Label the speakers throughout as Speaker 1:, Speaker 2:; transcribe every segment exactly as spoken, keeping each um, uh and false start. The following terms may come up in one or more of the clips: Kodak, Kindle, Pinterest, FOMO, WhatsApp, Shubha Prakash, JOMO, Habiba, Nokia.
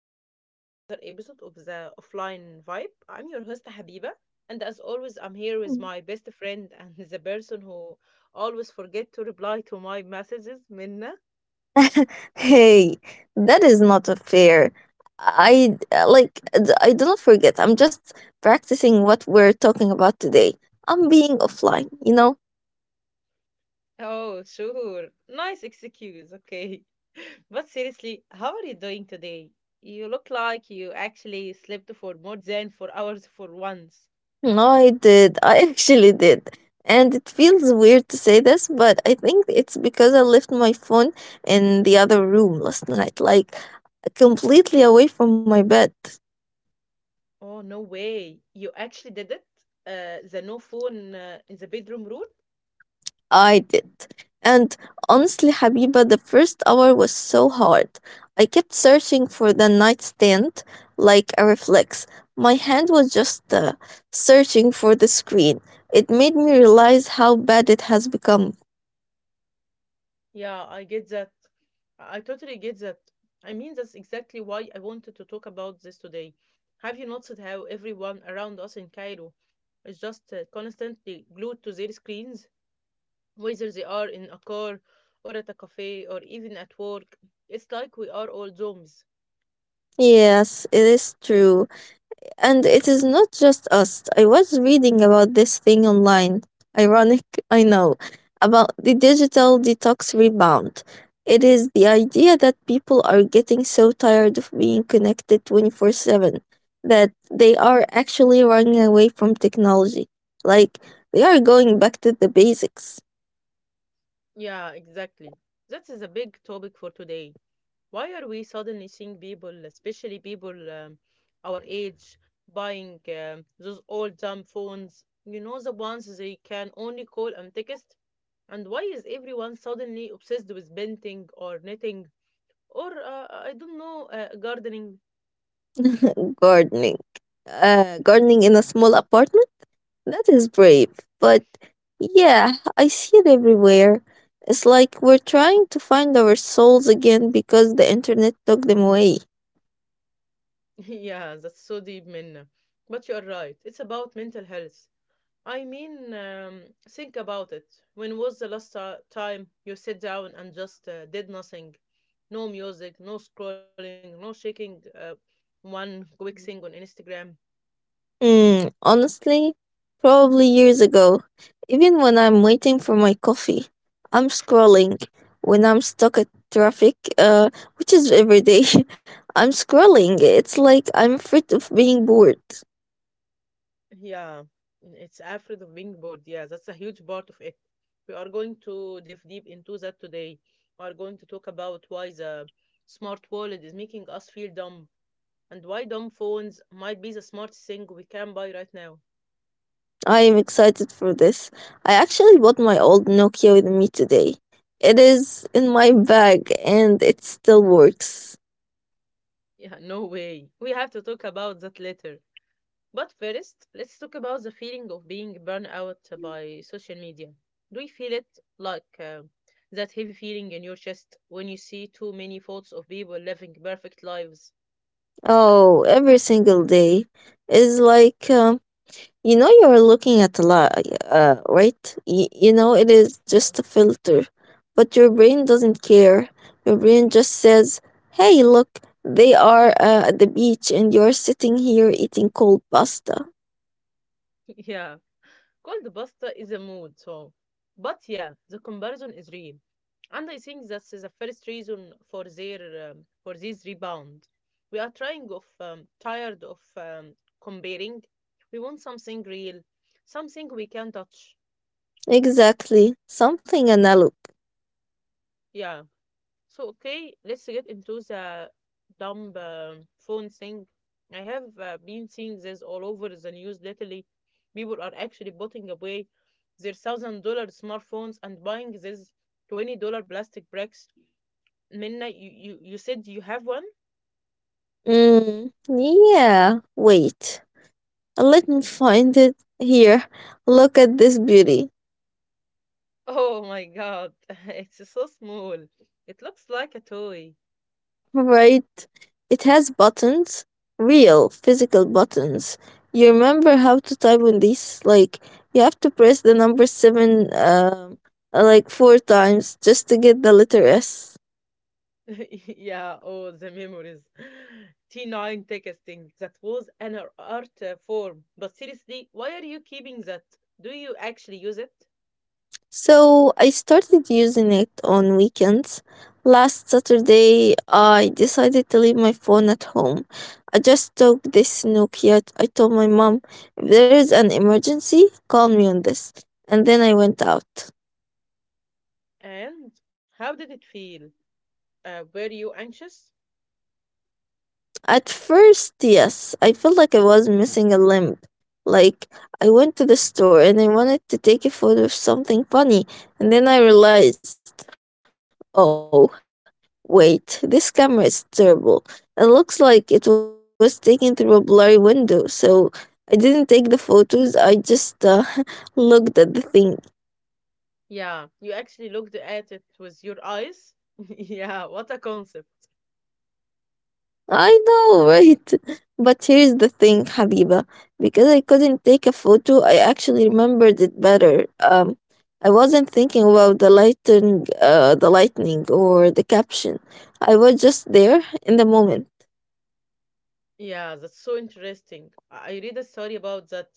Speaker 1: everyone, to another episode of the Offline Vibe. I'm your host, Habiba, and as always, I'm here with my best friend and the person who always forget to reply to my messages, Minna.
Speaker 2: Hey, that is not a fair. I uh, like d- I do not forget. I'm just practicing what we're talking about today. I'm being offline, you know?
Speaker 1: Oh, sure. Nice excuse. Okay. But seriously, how are you doing today? You look like you actually slept for more than four hours for once.
Speaker 2: No, I did. I actually did. And it feels weird to say this, but I think it's because I left my phone in the other room last night, like completely away from my bed.
Speaker 1: Oh, no way. You actually did it? Uh, the no phone uh, in the bedroom rule?
Speaker 2: I did. And honestly, Habiba, the first hour was so hard. I kept searching for the nightstand like a reflex. My hand was just uh, searching for the screen. It made me realize how bad it has become.
Speaker 1: Yeah, I get that. I totally get that. I mean, that's exactly why I wanted to talk about this today. Have you noticed how everyone around us in Cairo is just uh, constantly glued to their screens, whether they are in a car or at a cafe or even at work? It's like we are all zombies.
Speaker 2: Yes, it is true. And it is not just us. I was reading about this thing online, ironic, I know, about the
Speaker 1: Yeah.
Speaker 2: digital detox rebound. It is the idea that people are getting so tired of being connected twenty-four seven that they are actually running away from technology. Like, they are going back to the basics.
Speaker 1: Yeah, exactly. That is a big topic for today. Why are we suddenly seeing people, especially people um, our age, buying um, those old dumb phones? You know, the ones they can only call and text? And why is everyone suddenly obsessed with painting or knitting or, uh, I don't know, uh, gardening?
Speaker 2: Gardening. Uh, gardening in a small apartment? That is brave. But yeah, I see it everywhere. It's like we're trying to find our souls again because the internet took them away.
Speaker 1: Yeah, that's so deep, Minna. But you're right, it's about mental health. I mean, um, think about it. When was the last ti- time you sat down and just uh, did nothing? No music, no scrolling, no shaking uh, one quick Mm. thing on Instagram.
Speaker 2: Hmm, honestly, probably years ago. Even when I'm waiting for my coffee, I'm scrolling. When I'm stuck at traffic, uh, which is every day, I'm scrolling. It's like I'm afraid of being bored.
Speaker 1: Yeah, it's afraid of being bored. Yeah, that's a huge part of it. We are going to dive deep into that today. We are going to talk about why the smart wallet is making us feel dumb and why dumb phones might be the smartest thing we can buy right now.
Speaker 2: I am excited for this. I actually bought my old Nokia with me today. It is in my bag and it still works.
Speaker 1: Yeah, no way. We have to talk about that later. But first, let's talk about the feeling of being burned out by social media. Do you feel it like uh, that heavy feeling in your chest when you see too many photos of people living perfect lives?
Speaker 2: Oh, every single day is like um, you know you're looking at a lot, uh, right? Y- you know it is
Speaker 1: Yeah.
Speaker 2: just a filter, but your brain doesn't care. Your brain just says, "Hey, look, they are uh, at the beach, and you're sitting here eating cold pasta."
Speaker 1: Yeah. Cold pasta is a mood, so. But yeah, the comparison is real. And I think that's the first reason for their um, for this rebound. We are trying of um, tired of um, comparing. We want something real, something we can touch.
Speaker 2: Exactly, something analog.
Speaker 1: Yeah, so, okay, let's get into the dumb um, phone thing. I have uh, been seeing this all over the news lately. People are actually putting away their thousand dollar smartphones and buying these twenty dollar plastic bricks. Minna, you, you, you said you have one?
Speaker 2: Mm, yeah. Wait, let me find it here. Look at this beauty.
Speaker 1: Oh my God, it's so small. It looks like a toy.
Speaker 2: Right? It has buttons, real physical buttons. You remember how to type on these? Like, you have to press the number seven, um, uh, like four times just to get the letter S.
Speaker 1: Yeah, oh, the memories. T nine texting, that was an art uh, form. But seriously, why are you keeping that? Do you actually use it?
Speaker 2: So I started using it on weekends. Last Saturday, I decided to leave my phone at home. I just took this Nokia. I told my mom, if there is an emergency, call me on this. And then I went out.
Speaker 1: And how did it feel? Uh, were you anxious?
Speaker 2: At first, yes, I felt like I was missing a limb. Like, I went to the store and I wanted to take a photo of something funny, and then I realized, oh, wait, this camera is terrible. It looks like it was taken through a blurry window, so I didn't take the photos, I just uh, looked at the thing.
Speaker 1: Yeah, you actually looked at it with your eyes? Yeah, what a concept.
Speaker 2: I know, right? But here's the thing, Habiba. Because I couldn't take a photo, I actually remembered it better. Um, I wasn't thinking about the lighting, uh, the lightning or the caption. I was just there in the moment.
Speaker 1: Yeah, that's so interesting. I I read a story about that.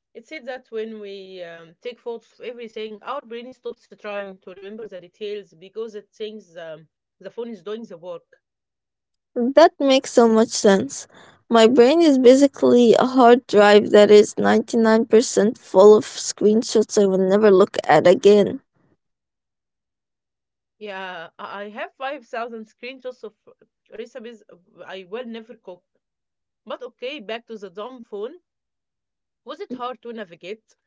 Speaker 1: It said that when we um, take photos of everything, our brain stops trying to remember the details because it thinks um, the phone is doing the work.
Speaker 2: That makes so much sense. My brain is basically a hard drive that is ninety-nine percent full of screenshots I will never look at again.
Speaker 1: Yeah, I I have five thousand screenshots of recipes uh, I will never cook. But okay, back to the dumb phone. Was it hard to navigate?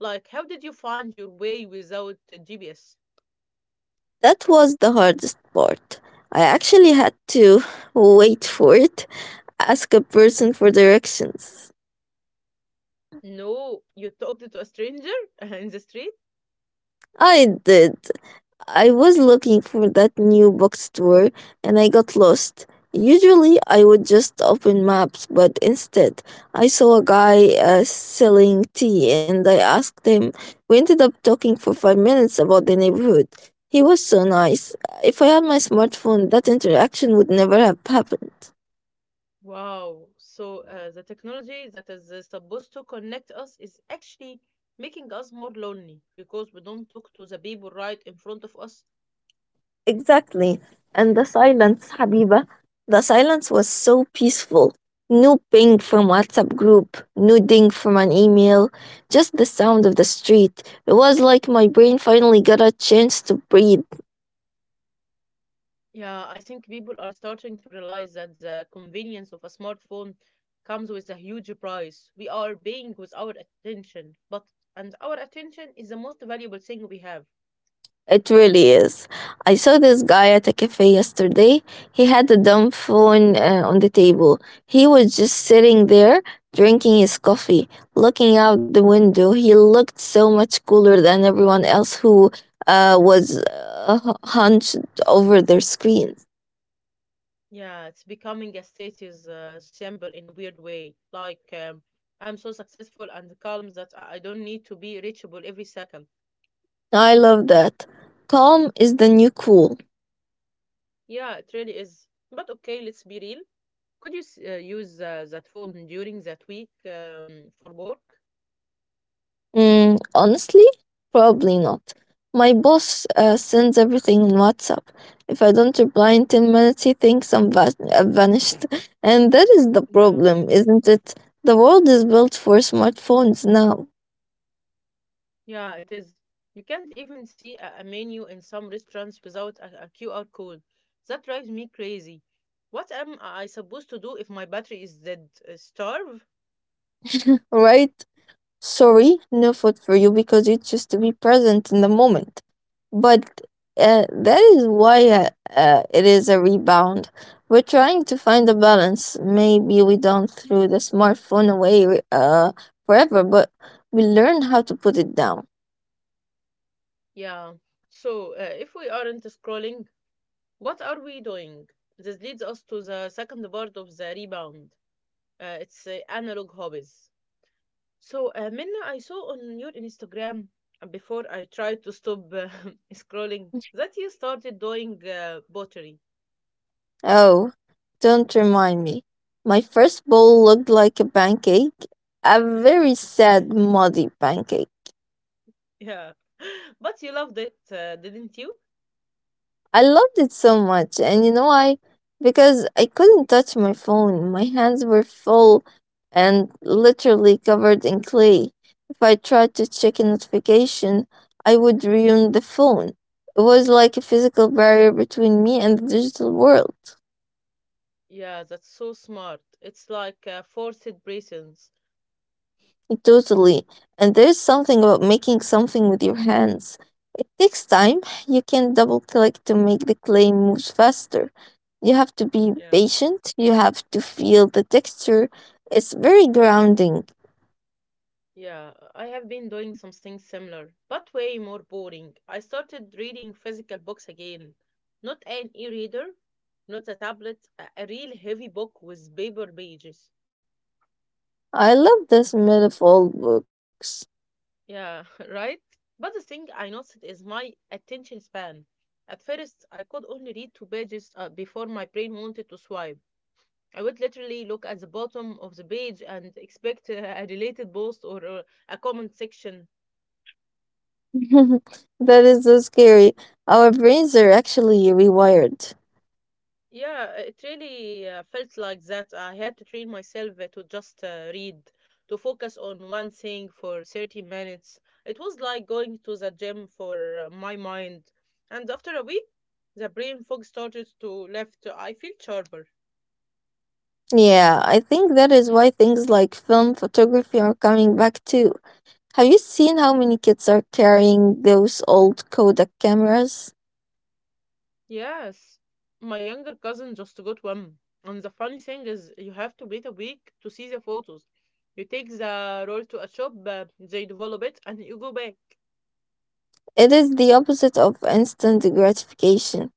Speaker 1: Like, how did you find your way without uh, G P S?
Speaker 2: That was the hardest part. I actually had to wait for it, ask a person for directions.
Speaker 1: No, you talked to a stranger in the street?
Speaker 2: I did. I was looking for that new bookstore and I got lost. Usually I would just open maps, but instead I saw a guy uh, selling tea and I asked him. We ended up talking for five minutes about the neighborhood. He was so nice. If I had my smartphone, that interaction would never have happened.
Speaker 1: Wow. So uh, the technology that is uh, supposed to connect us is actually making us more lonely because we don't talk to the people right in front of us.
Speaker 2: Exactly. And the silence, Habiba, the silence was so peaceful. No ping from WhatsApp group, no ding from an email, just the sound of the street. It was like my brain finally got a chance to breathe.
Speaker 1: Yeah, I think people are starting to realize that the convenience of a smartphone comes with a huge price. We are paying with our attention, but and our attention is the most valuable thing we have.
Speaker 2: It really is. I saw this guy at a cafe yesterday. He had a dumb phone uh, on the table. He was just sitting there drinking his coffee, looking out the window. He looked so much cooler than everyone else who uh, was uh, hunched over their screens.
Speaker 1: Yeah, it's becoming a status uh, symbol in a weird way. Like um, I'm so successful and calm that I I don't need to be reachable every second.
Speaker 2: I love that. Calm is the new cool.
Speaker 1: Yeah, it really is. But okay, let's be real. Could you s- uh, use uh, that phone during that week um, for work?
Speaker 2: Mm, honestly, probably not. My boss uh, sends everything on WhatsApp. If I don't reply in ten minutes, he thinks I'm va- uh, vanished. And that is the
Speaker 1: Yeah.
Speaker 2: problem, isn't it? The world is built for smartphones now,
Speaker 1: Yeah, it is. You can't even see a, a menu in some restaurants without a, Q R code. That drives me crazy. What am I supposed to do if my battery is dead? Uh, starve?
Speaker 2: right? Sorry, no food for you because you choose to be present in the moment. But uh, that is why uh, uh, it is a rebound. We're trying to find a balance. Maybe we don't throw the smartphone away uh, forever, but we learn how to put it down.
Speaker 1: Yeah. So, uh, if we aren't scrolling, what are we doing? This leads us to the second part of the rebound. Uh, it's uh, analog hobbies. So, uh, Minna, I saw on your Instagram before I tried to stop uh, scrolling that you started doing uh, pottery.
Speaker 2: Oh, don't remind me. My first bowl looked like a pancake, a very sad, muddy pancake.
Speaker 1: Yeah, but you loved it, uh, didn't you?
Speaker 2: I loved it so much. And you know why? Because I couldn't touch my phone. My hands were full and literally covered in clay. If I tried to check a notification, I would ruin the phone. It was like a physical barrier between me and the digital world.
Speaker 1: Yeah, that's so smart. It's like uh, forced presence.
Speaker 2: Totally. And there's something about making something with your hands. It takes time. You can double click to make the clay move faster. You have to be
Speaker 1: Yeah,
Speaker 2: patient. You have to feel the texture. It's very grounding.
Speaker 1: yeah. I have been doing something similar, but way more boring. I started reading physical books again, not an e-reader, not a tablet, a a real heavy book with paper pages.
Speaker 2: I love the smell of old books.
Speaker 1: Yeah, right? But the thing I noticed is my attention span. At first, I could only read two pages uh, before my brain wanted to swipe. I would literally look at the bottom of the page and expect uh, a related post or uh, a comment section.
Speaker 2: That is so scary. Our brains are actually rewired.
Speaker 1: Yeah, it really uh, felt like that. I had to train myself uh, to just uh, read, to focus on one thing for thirty minutes. It was like going to the gym for uh, my mind. And after a week, the brain fog started to left. I feel sharper.
Speaker 2: Yeah, I think that is why things like film photography are coming back too. Have you seen how many kids are carrying those old Kodak cameras?
Speaker 1: Yes, my younger cousin just got one. And the funny thing is, you have to wait a week to see the photos. You take the roll to a shop, uh, they develop it, and you go back.
Speaker 2: It is the opposite of instant gratification,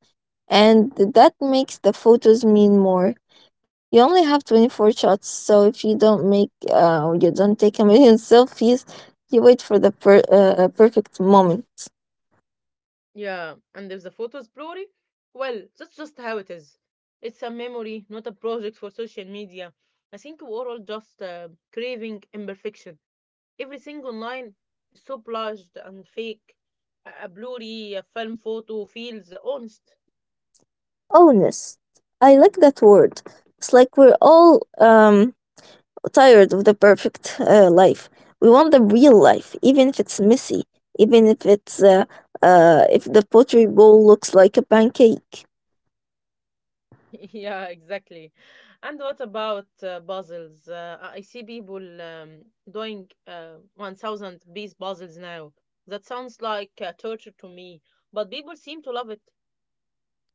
Speaker 2: and that makes the photos mean more. You only have twenty-four shots, so if you don't make uh, or you don't take a million selfies, you wait for the per- uh, perfect moment.
Speaker 1: Yeah, and if the photo's blurry, well, that's just how it is. It's a memory, not a project for social media. I think we're all just uh, craving imperfection. Everything online is so blurred and fake. A a blurry a film photo feels honest.
Speaker 2: Honest. I like that word. It's like we're all um tired of the perfect uh, life. We want the real life, even if it's messy, even if it's uh, uh, if the pottery bowl looks like a pancake.
Speaker 1: Yeah, exactly. And what about uh, puzzles? Uh, I I see people um, doing uh, one thousand piece puzzles now. That sounds like uh, torture to me, but people seem to love it.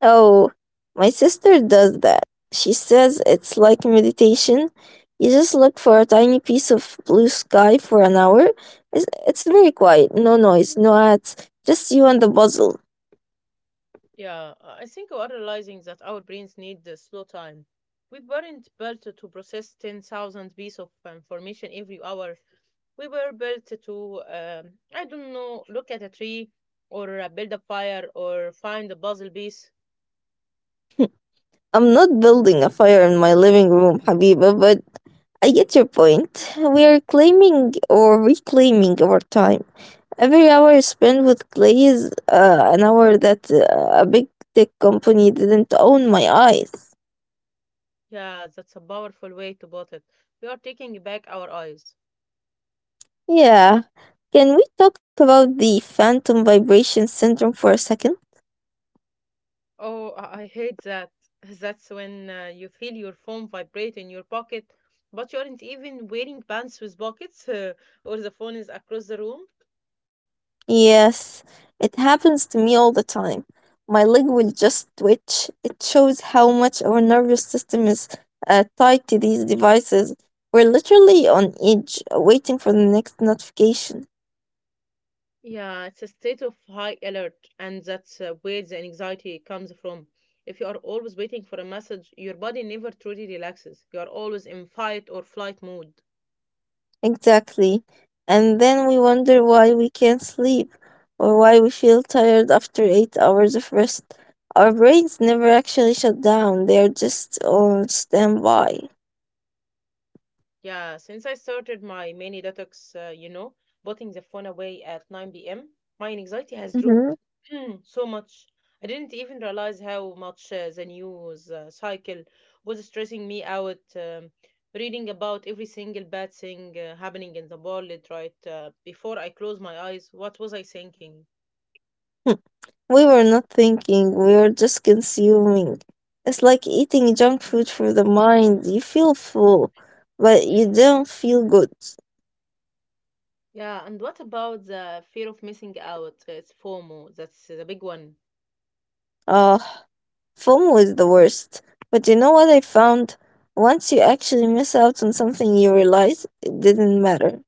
Speaker 2: Oh, my sister does that. She says it's like meditation. You just look for a tiny piece of blue sky for an hour. It's, it's very quiet, no noise, no ads, just you and the puzzle.
Speaker 1: Yeah, I think we are realizing that our brains need the slow time. We weren't built to process ten thousand pieces of information every hour. We were built to, um, I don't know, look at a tree or uh, build a fire or find a puzzle piece.
Speaker 2: I'm not building a fire in my living room, Habiba, but I get your point. We are claiming or reclaiming our time. Every hour spent with Clay is uh, an hour that uh, a big tech company didn't own my eyes.
Speaker 1: Yeah, that's a powerful way to put it. We are taking back our eyes.
Speaker 2: Yeah. Can we talk about the phantom vibration syndrome for a second?
Speaker 1: Oh, I I hate that. That's when uh, you feel your phone vibrate in your pocket, but you aren't even wearing pants with pockets, or the phone is across the room.
Speaker 2: Yes, it happens to me all the time. My leg will just twitch. It shows how much our nervous system is uh, tied to these devices. We're literally on edge, uh, waiting for the next notification.
Speaker 1: Yeah, it's a state of high alert, and that's uh, where the anxiety comes from. If you are always waiting for a message, your body never truly relaxes. You are always in fight or flight mode.
Speaker 2: Exactly. And then we wonder why we can't sleep or why we feel tired after eight hours of rest. Our brains never actually shut down, they're just on standby.
Speaker 1: Yeah, since I started my mini detox, uh, you know, putting the phone away at nine p m, my anxiety has
Speaker 2: Mhm.
Speaker 1: dropped so much. I didn't even realize how much uh, the news uh, cycle was stressing me out. Um, reading about every single bad thing uh, happening in the world right uh, before I close my eyes, what was I thinking?
Speaker 2: We were not thinking, we were just consuming. It's like eating junk food for the mind. You feel full, but you don't feel good.
Speaker 1: Yeah, and what about the fear of missing out? It's FOMO, that's the big one.
Speaker 2: Ah, FOMO was the worst. But you know what I found? Once you actually miss out on something, you realize it didn't matter.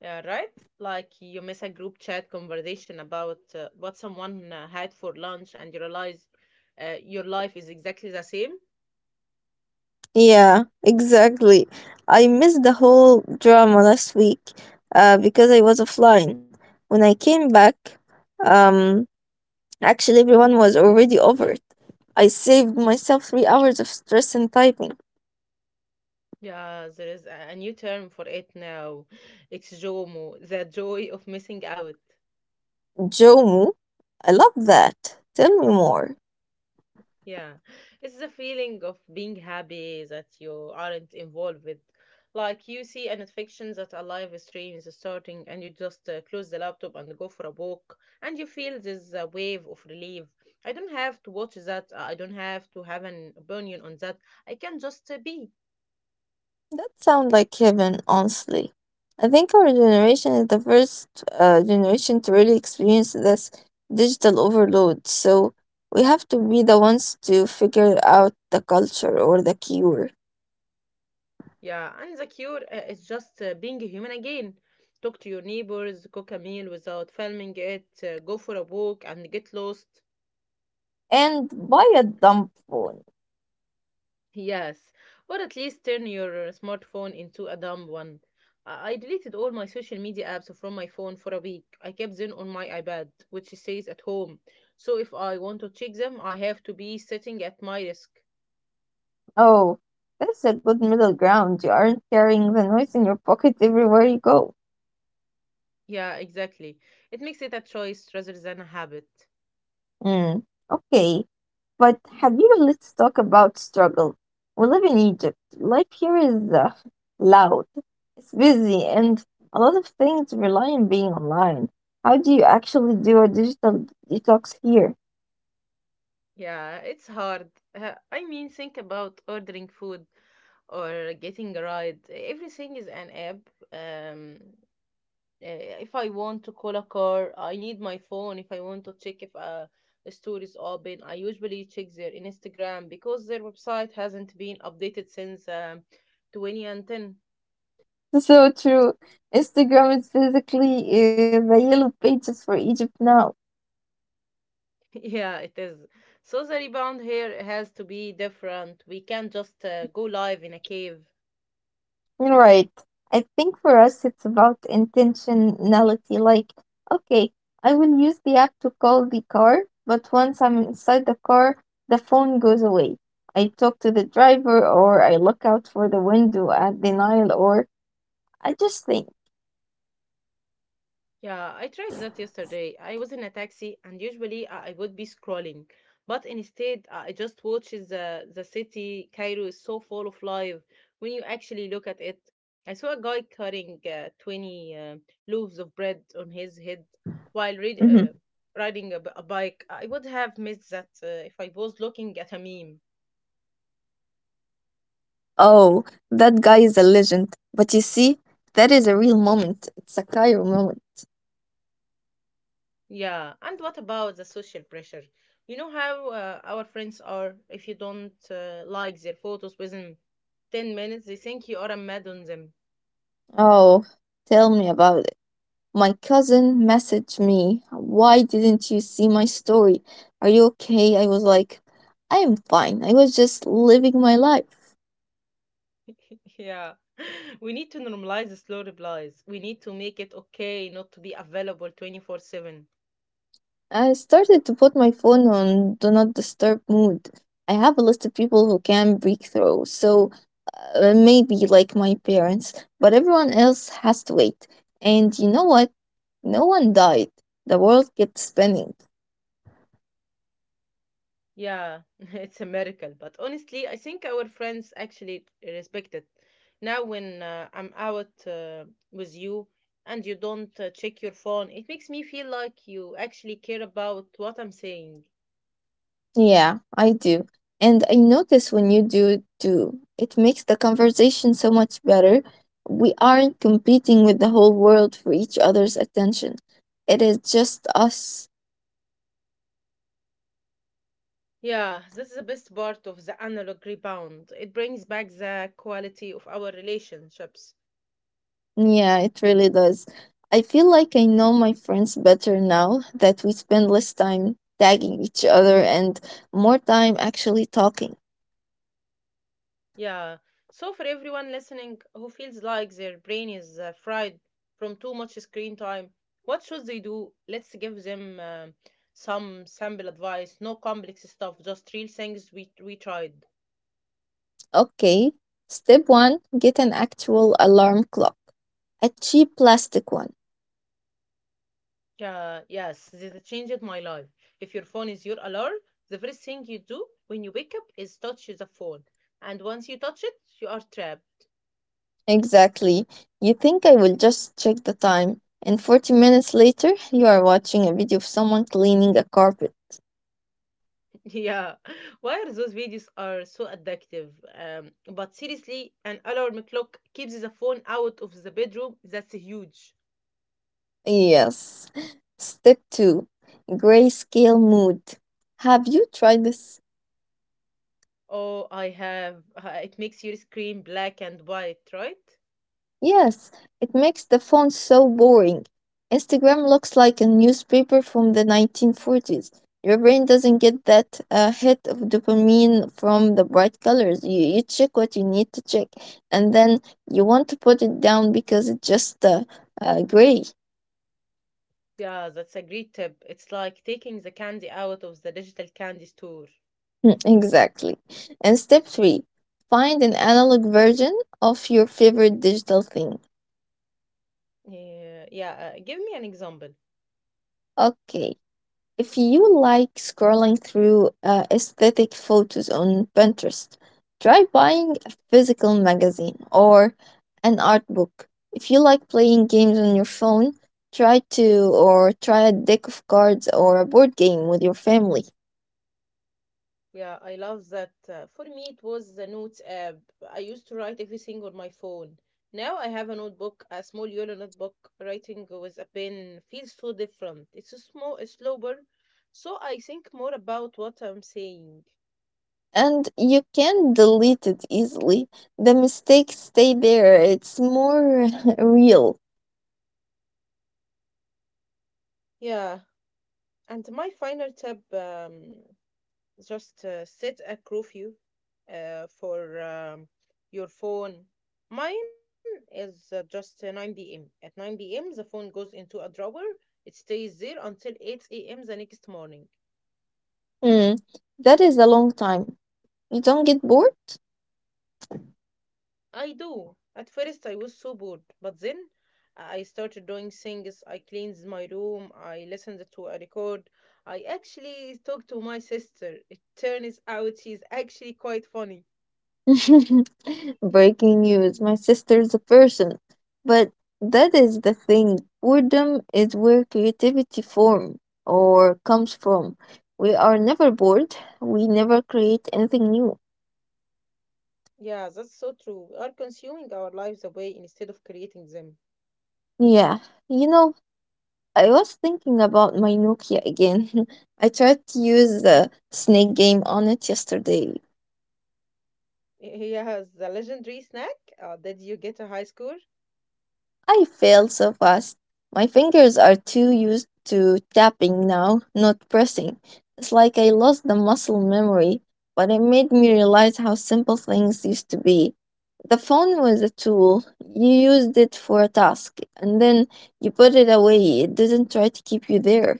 Speaker 1: Yeah, right? Like you miss a group chat conversation about uh, what someone uh, had for lunch and you realize uh, your life is exactly the same.
Speaker 2: Yeah, exactly. I missed the whole drama last week uh, because I was offline. When I came back, um, actually, everyone was already over it. I saved myself three hours of stress and typing.
Speaker 1: Yeah, there is a a new term for it now. It's JOMO, the joy of missing out.
Speaker 2: Jomo, I love that. Tell me more.
Speaker 1: Yeah, it's the feeling of being happy that you aren't involved with. Like you see an fiction that a live stream is starting, and you just uh, close the laptop and go for a walk, and you feel this uh, wave of relief. I don't have to watch that. Uh, I don't have to have an opinion on that. I can just uh, be.
Speaker 2: That sounds like heaven, honestly. I think our generation is the first uh, generation to really experience this digital overload, so we have to be the ones to figure out the culture or the cure.
Speaker 1: Yeah, and the cure uh, is just uh, being a human again. Talk to your neighbors, cook a meal without filming it, uh, go for a walk, and get lost.
Speaker 2: And buy a dumb phone.
Speaker 1: Yes, or at least turn your uh, smartphone into a dumb one. I I deleted all my social media apps from my phone for a week. I kept them on my iPad, which stays at home. So if I want to check them, I have to be sitting at my desk.
Speaker 2: Oh, that's a good middle ground. You aren't carrying the noise in your pocket everywhere you go.
Speaker 1: Yeah, exactly. It makes it a choice rather than a habit.
Speaker 2: Hmm, okay, but have you? Let's talk about struggle. We live in Egypt. Life here is uh, loud. It's busy, and a lot of things rely on being online. How do you actually do a digital detox here?
Speaker 1: Yeah, it's hard. Uh, I mean, think about ordering food or getting a ride. Everything is an app. Um, Uh, if I want to call a car, I need my phone. If I want to check if a, a store is open, I usually check their Instagram because their website hasn't been updated since um, twenty ten.
Speaker 2: So true. Instagram is basically uh, the yellow pages for Egypt now.
Speaker 1: Yeah, it is. So the rebound here has to be different. We can't just uh, go live in a cave.
Speaker 2: Right. I think for us, it's about intentionality. Like, okay, I will use the app to call the car, but once I'm inside the car, the phone goes away. I talk to the driver, or I look out for the window at the Nile, or I just think,
Speaker 1: Yeah, I tried that yesterday. I was in a taxi, and usually I I would be scrolling, but instead uh, I just watched
Speaker 2: mm-hmm.
Speaker 1: the the city. Cairo is so full of life when you actually look at it. I saw a guy cutting uh, twenty uh, loaves of bread on his head while read, uh, riding a, b- a bike. I would have missed that uh, if I was looking at a meme.
Speaker 2: Oh, that guy is a legend. But you see, that is a real moment. It's a Cairo moment.
Speaker 1: Yeah, and what about the social pressure? You know how uh, our friends are if you don't uh, like their photos within ten minutes, they think you are mad on them.
Speaker 2: Oh, tell me about it. My cousin messaged me, "Why didn't you see my story? Are you okay?" I was like, I am fine. I was just living my life.
Speaker 1: Yeah. We need to normalize the slow replies. We need to make it okay not to be available twenty four seven.
Speaker 2: I started to put my phone on do not disturb mode. I have a list of people who can break through, so uh, maybe like my parents, but everyone else has to wait. And you know what? No one died. The world kept spinning.
Speaker 1: Yeah, it's a miracle. But honestly, I think our friends actually respect it. Now, when uh, I'm out uh, with you and you don't uh, check your phone, it makes me feel like you actually care about what I'm saying.
Speaker 2: Yeah, I do. And I notice when you do it too, it makes the conversation so much better. We aren't competing with the whole world for each other's attention. It is just us.
Speaker 1: Yeah, this is the best part of the analog rebound. It brings back the quality of our relationships.
Speaker 2: Yeah, it really does. I feel like I know my friends better now that we spend less time tagging each other and more time actually talking.
Speaker 1: Yeah. So for everyone listening who feels like their brain is uh, fried from too much screen time, what should they do? Let's give them um some simple advice. No complex stuff, just real things we we tried.
Speaker 2: Okay, step one, get an actual alarm clock, a cheap plastic one.
Speaker 1: Yeah, yes, this changed my life. If your phone is your alarm, the first thing you do when you wake up is touch the phone. And once you touch it, you are trapped.
Speaker 2: Exactly. You think I will just check the time, and forty minutes later, you are watching a video of someone cleaning a carpet.
Speaker 1: Yeah, why are those videos are so addictive? Um, but seriously, an alarm clock keeps the phone out of the bedroom. That's huge.
Speaker 2: Yes. Step two, grayscale mood. Have you tried this?
Speaker 1: Oh, I have. uh, It makes your screen black and white, right?
Speaker 2: Yes, it makes the font so boring. Instagram looks like a newspaper from the nineteen forties. Your brain doesn't get that uh, hit of dopamine from the bright colors. You, you check what you need to check, and then you want to put it down because it's just uh, uh, gray.
Speaker 1: Yeah, that's a great tip. It's like taking the candy out of the digital candy store.
Speaker 2: Mm, exactly. And step three, find an analog version of your favorite digital thing.
Speaker 1: Yeah, yeah. Uh, give me an example.
Speaker 2: Okay, if you like scrolling through uh, aesthetic photos on Pinterest, try buying a physical magazine or an art book. If you like playing games on your phone, try to or try a deck of cards or a board game with your family.
Speaker 1: Yeah, I love that. Uh, for me, it was the notes app. I used to write everything on my phone. Now I have a notebook, a small yellow notebook. Writing with a pen feels so different. It's a small, it's slower, so I think more about what I'm saying.
Speaker 2: And you can delete it easily. The mistakes stay there. It's more real.
Speaker 1: Yeah, and my final tip. Um, Just uh, set a curfew uh, for um, your phone. Mine is uh, just uh, nine p m. At nine p m, the phone goes into a drawer. It stays there until eight a m the next morning.
Speaker 2: Hmm, that is a long time. You don't get bored?
Speaker 1: I do. At first, I was so bored, but then uh, I started doing things. I cleaned my room. I listened to a record. I actually talked to my sister. It turns out she's actually quite funny.
Speaker 2: Breaking news, my sister's a person. But that is the thing. Boredom is where creativity form or comes from. We are never bored. We never create anything new.
Speaker 1: Yeah, that's so true. We are consuming our lives away instead of creating them.
Speaker 2: Yeah. You know, I was thinking about my Nokia again. I tried to use the
Speaker 1: Mm.
Speaker 2: snake game on it yesterday.
Speaker 1: Here has the legendary snack. Uh, did you get a high score?
Speaker 2: I fail so fast. My fingers are too used to tapping now, not pressing. It's like I lost the muscle memory, but it made me realize how simple things used to be. The phone was a tool. You used it for a task, and then you put it away. It didn't try to keep you there.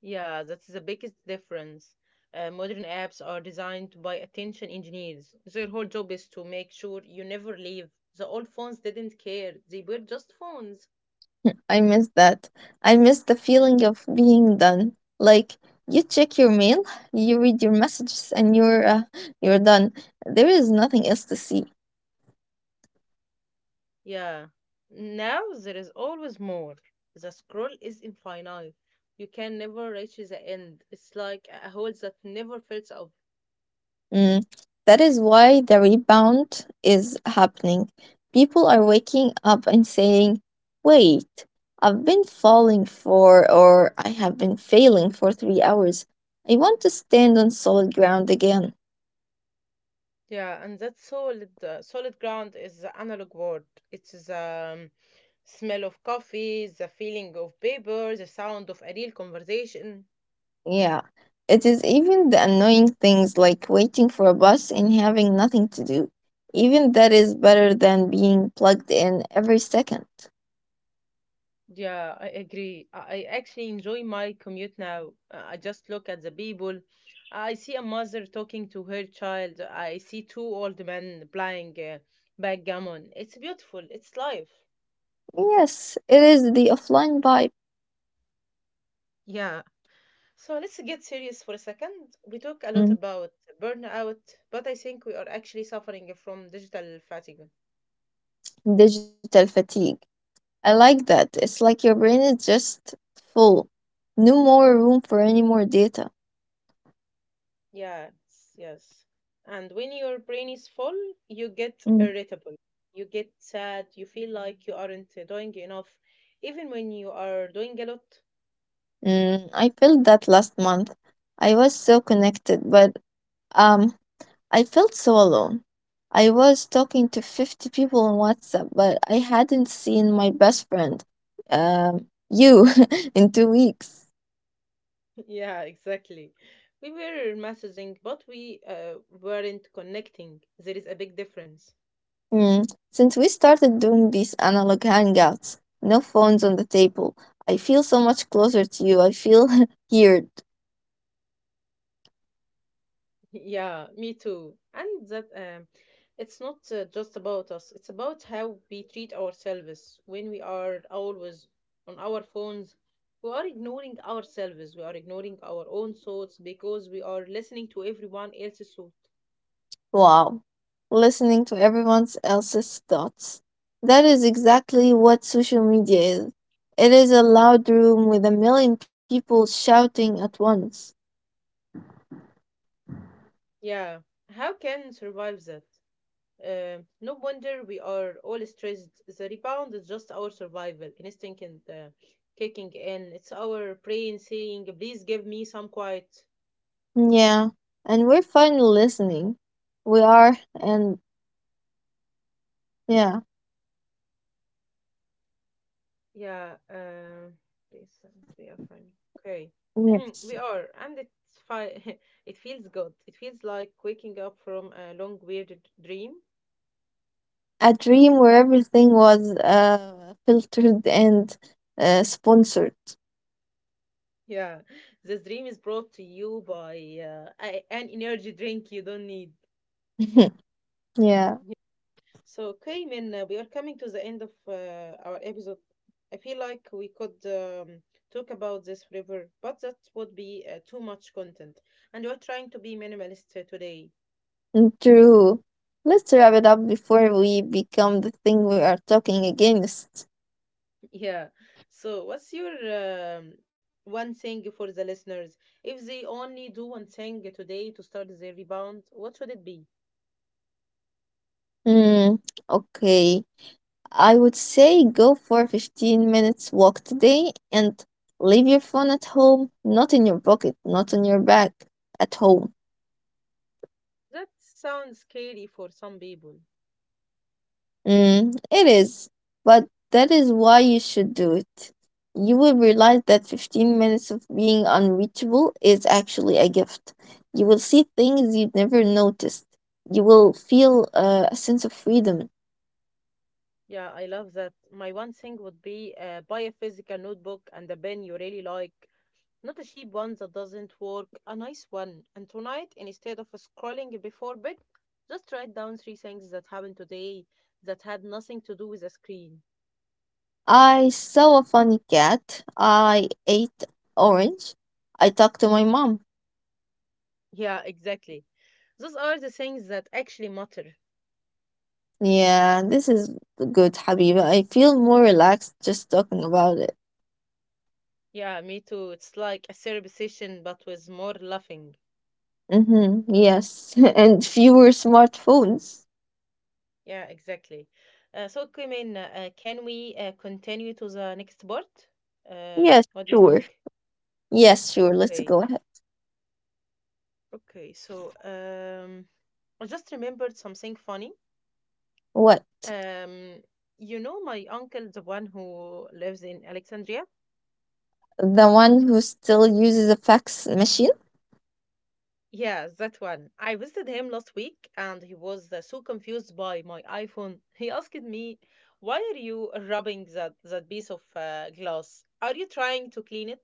Speaker 1: Yeah, that's the biggest difference. Uh, modern apps are designed by attention engineers. Their whole job is to make sure you never leave. The old phones didn't care, they were just phones.
Speaker 2: I miss that. I miss the feeling of being done. Like, you check your mail, you read your messages, and you're, uh, you're done. There is nothing else to see.
Speaker 1: Yeah. Now there is always more. The scroll is infinite. You can never reach the end. It's like a hole that never fills up.
Speaker 2: Mm, that is why the rebound is happening. People are waking up and saying, wait, I've been falling for, or I have been failing for three hours. I want to stand on solid ground again.
Speaker 1: Yeah, and that solid uh, solid ground is the analog word. It's the um, smell of coffee, the feeling of paper, the sound of a real conversation.
Speaker 2: Yeah. It is even the annoying things like waiting for a bus and having nothing to do. Even that is better than being plugged in every second.
Speaker 1: Yeah, I agree. I I actually enjoy my commute now. Uh, I just look at the people. I see a mother talking to her child. I see two old men playing uh, backgammon. It's beautiful. It's life.
Speaker 2: Yes, it is the offline vibe.
Speaker 1: Yeah, so let's get serious for a second. We talk a lot
Speaker 2: Mm,
Speaker 1: about burnout, but I think we are actually suffering from digital fatigue.
Speaker 2: digital fatigue. I like that. It's like your brain is just full. No more room for any more data.
Speaker 1: Yes, yes. And when your brain is full, you get
Speaker 2: Mm.
Speaker 1: irritable, you get sad, you feel like you aren't doing enough, even when you are doing a lot.
Speaker 2: Mm, I felt that last month. I was so connected, but um, I felt so alone. I was talking to fifty people on WhatsApp, but I hadn't seen my best friend, um, you, in two weeks.
Speaker 1: Yeah, exactly. We were messaging, but we uh, weren't connecting. There is a big difference.
Speaker 2: Mm. Since we started doing these analog hangouts, no phones on the table, I feel so much closer to you. I feel here.
Speaker 1: Yeah, me too. And that um, it's not uh, just about us, it's about how we treat ourselves. When we are always on our phones, we are ignoring ourselves, we are ignoring our own thoughts because we are listening to everyone else's thought.
Speaker 2: Wow, listening to everyone else's thoughts. That is exactly what social media is. It is a loud room with a million people shouting at once.
Speaker 1: Yeah, how can survive that? Um no wonder we are all stressed. The rebound is just our survival instinct and uh, kicking in. It's our brain saying, please give me some quiet.
Speaker 2: Yeah, and we're finally listening. We are, and yeah,
Speaker 1: Yeah, uh, please, uh, they are funny. Okay,
Speaker 2: yes.
Speaker 1: we are, and it's fine. It feels good. It feels like waking up from a long, weird dream.
Speaker 2: A dream where everything was uh, filtered and uh, sponsored.
Speaker 1: Yeah, this dream is brought to you by uh, a- an energy drink you don't need.
Speaker 2: Yeah,
Speaker 1: Yeah. So, okay, Min, uh, we are coming to the end of uh, our episode. I feel like we could um, talk about this forever, but that would be uh, too much content. And we're trying to be minimalist uh, today.
Speaker 2: true. Let's wrap it up before we become the thing we are talking against.
Speaker 1: Yeah. So, what's your um, one thing for the listeners? If they only do one thing today to start their rebound, what should it be?
Speaker 2: Hmm, okay. I would say go for a fifteen minutes walk today and leave your phone at home, not in your pocket, not on your back, at home.
Speaker 1: That sounds scary for some people.
Speaker 2: Mm, it is. But that is why you should do it. You will realize that fifteen minutes of being unreachable is actually a gift. You will see things you'd never noticed. You will feel uh, a sense of freedom.
Speaker 1: Yeah, I love that. My one thing would be uh, buy a physical notebook and a pen you really like. Not a cheap one that doesn't work, a nice one. And tonight, instead of scrolling before bed, just write down three things that happened today that had nothing to do with a screen.
Speaker 2: I saw a funny cat. I ate orange. I talked to my mom.
Speaker 1: Yeah, exactly. Those are the things that actually matter.
Speaker 2: Yeah, this is good, Habiba. I feel more relaxed just talking about it.
Speaker 1: Yeah, me too. It's like a therapy session, but with more laughing.
Speaker 2: Mm-hmm. Yes, and fewer smartphones.
Speaker 1: Yeah, exactly. Uh, so, Kimin, uh, can we uh, continue to the next part? Um,
Speaker 2: Yes,
Speaker 1: what do you
Speaker 2: sure.
Speaker 1: think?
Speaker 2: Yes, sure. Let's
Speaker 1: Okay,
Speaker 2: go ahead.
Speaker 1: okay. So, um, I just remembered something funny.
Speaker 2: What?
Speaker 1: Um, you know, my uncle, the one who lives in Alexandria.
Speaker 2: The one who still uses a fax machine?
Speaker 1: Yes, that one. I visited him last week and he was uh, so confused by my iPhone. He asked me, why are you rubbing that, that piece of uh, glass? Are you trying to clean it?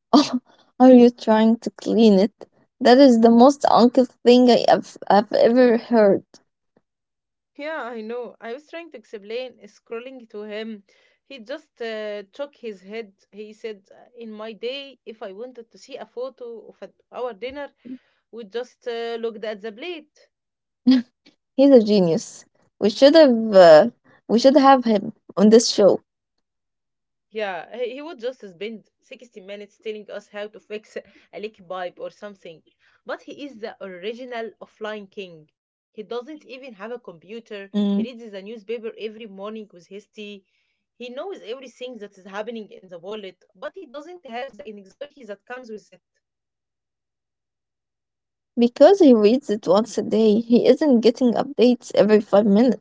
Speaker 2: Oh, are you trying to clean it? That is the most uncle thing I have, I've ever heard.
Speaker 1: Yeah, I know. I was trying to explain, uh, scrolling to him. He just uh, shook his head. He said, "Uh, in my day, if I wanted to see a photo of at our dinner, we just uh, looked at the plate.
Speaker 2: He's a genius. We should have uh, we should have him on this show.
Speaker 1: Yeah, he, he would just spend sixty minutes telling us how to fix a leaky pipe or something. But he is the original offline king. He doesn't even
Speaker 2: Mm.
Speaker 1: have a computer. He reads the newspaper every morning with his tea. He knows everything that is happening in the world, but he doesn't have the anxiety that comes with it.
Speaker 2: Because he reads it once a day, he isn't getting updates every five minutes.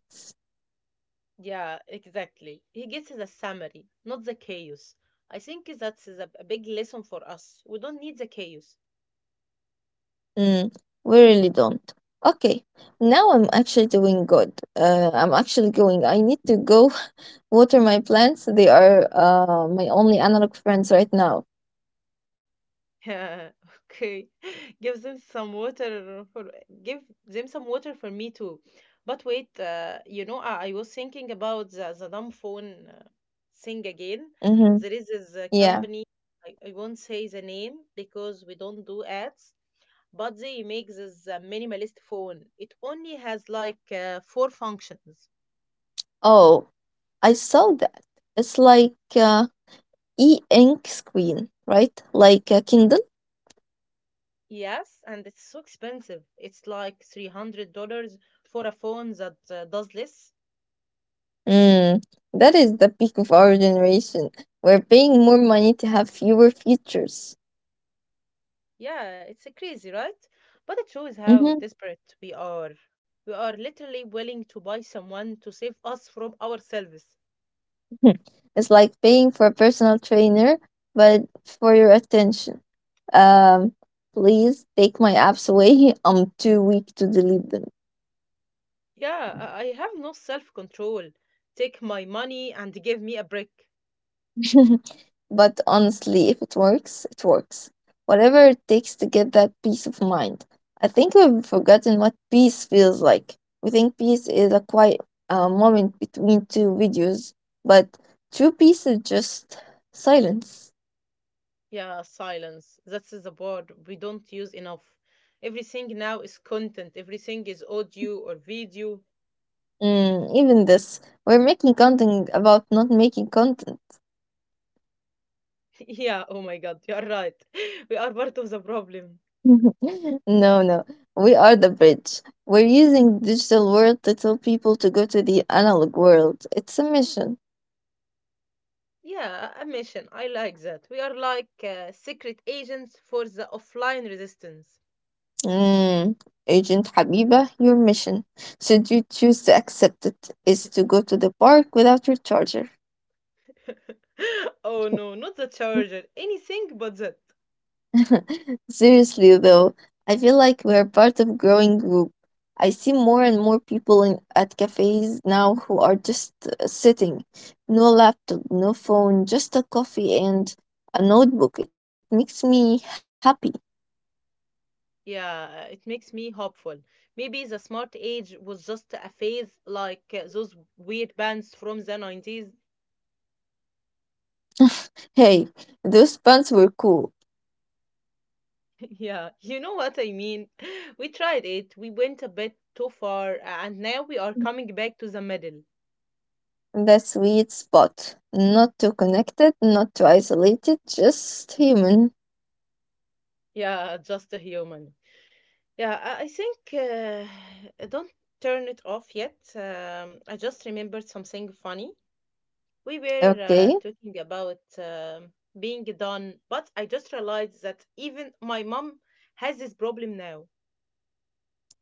Speaker 1: Yeah, exactly. He gets the summary, not the chaos. I think that's the- a big lesson for us. We don't need the chaos.
Speaker 2: Mm. We really don't. Okay, now I'm actually doing good. Uh, I'm actually going. I need to go water my plants. They are uh, my only analog friends right now.
Speaker 1: Okay. Give them some water for give them some water for me too. But wait, uh, you know, I, I was thinking about the, the dumb phone uh, thing again.
Speaker 2: Mm-hmm.
Speaker 1: There is this uh,
Speaker 2: Yeah.
Speaker 1: company, I, I won't say the name because we don't do ads, but they make this uh, minimalist phone. It only has like uh, four functions.
Speaker 2: Oh, I saw that. It's like uh, e-ink screen, right? Like a Kindle.
Speaker 1: Yes, and it's so expensive. It's like three hundred dollars for a phone that uh, does less.
Speaker 2: Mm, that is the peak of our generation. We're paying more money to have fewer features.
Speaker 1: Yeah, it's uh, crazy, right? But it shows how
Speaker 2: Mhm.
Speaker 1: desperate we are. We are literally willing to buy someone to save us from ourselves.
Speaker 2: It's like paying for a personal trainer, but for your attention. Um, please take my apps away. I'm too weak to delete them.
Speaker 1: Yeah, I I have no self control. Take my money and give me a break.
Speaker 2: But honestly, if it works, it works. Whatever it takes to get that peace of mind. I think we've forgotten what peace feels like. We think peace is a quiet uh, moment between two videos, but true peace is just silence.
Speaker 1: Yeah, silence. That's the word we don't use enough. Everything now is content, everything is audio or video.
Speaker 2: Mm, even this, we're making content about not making content.
Speaker 1: Yeah, oh my god, you're right. We are part of the problem.
Speaker 2: no, no, we are the bridge. We're using digital world to tell people to go to the analog world. It's a mission.
Speaker 1: Yeah, a mission. I like that. We are like uh, secret agents for the offline resistance.
Speaker 2: Mm, Agent Habiba, your mission, should you choose to accept it, is to go to the park without your charger.
Speaker 1: Oh no, not the charger. Anything but that.
Speaker 2: Seriously, though, I feel like we're part of growing group. I see more and more people in at cafes now who are just uh, sitting, no laptop, no phone, just a coffee and a notebook. It makes me happy.
Speaker 1: Yeah, it makes me hopeful. Maybe the smart age was just a phase like uh, those weird bands from the nineties.
Speaker 2: Hey, those pants were cool.
Speaker 1: Yeah, you know what I mean. We tried it, we went a bit too far, and now we are coming back to the middle.
Speaker 2: The sweet spot. Not too connected, not too isolated, just human.
Speaker 1: Yeah, just a human. Yeah, I I think uh, don't turn it off yet. Um, I just remembered something funny. We were
Speaker 2: Okay.
Speaker 1: uh, talking about um, being done, but I just realized that even my mom has this problem now.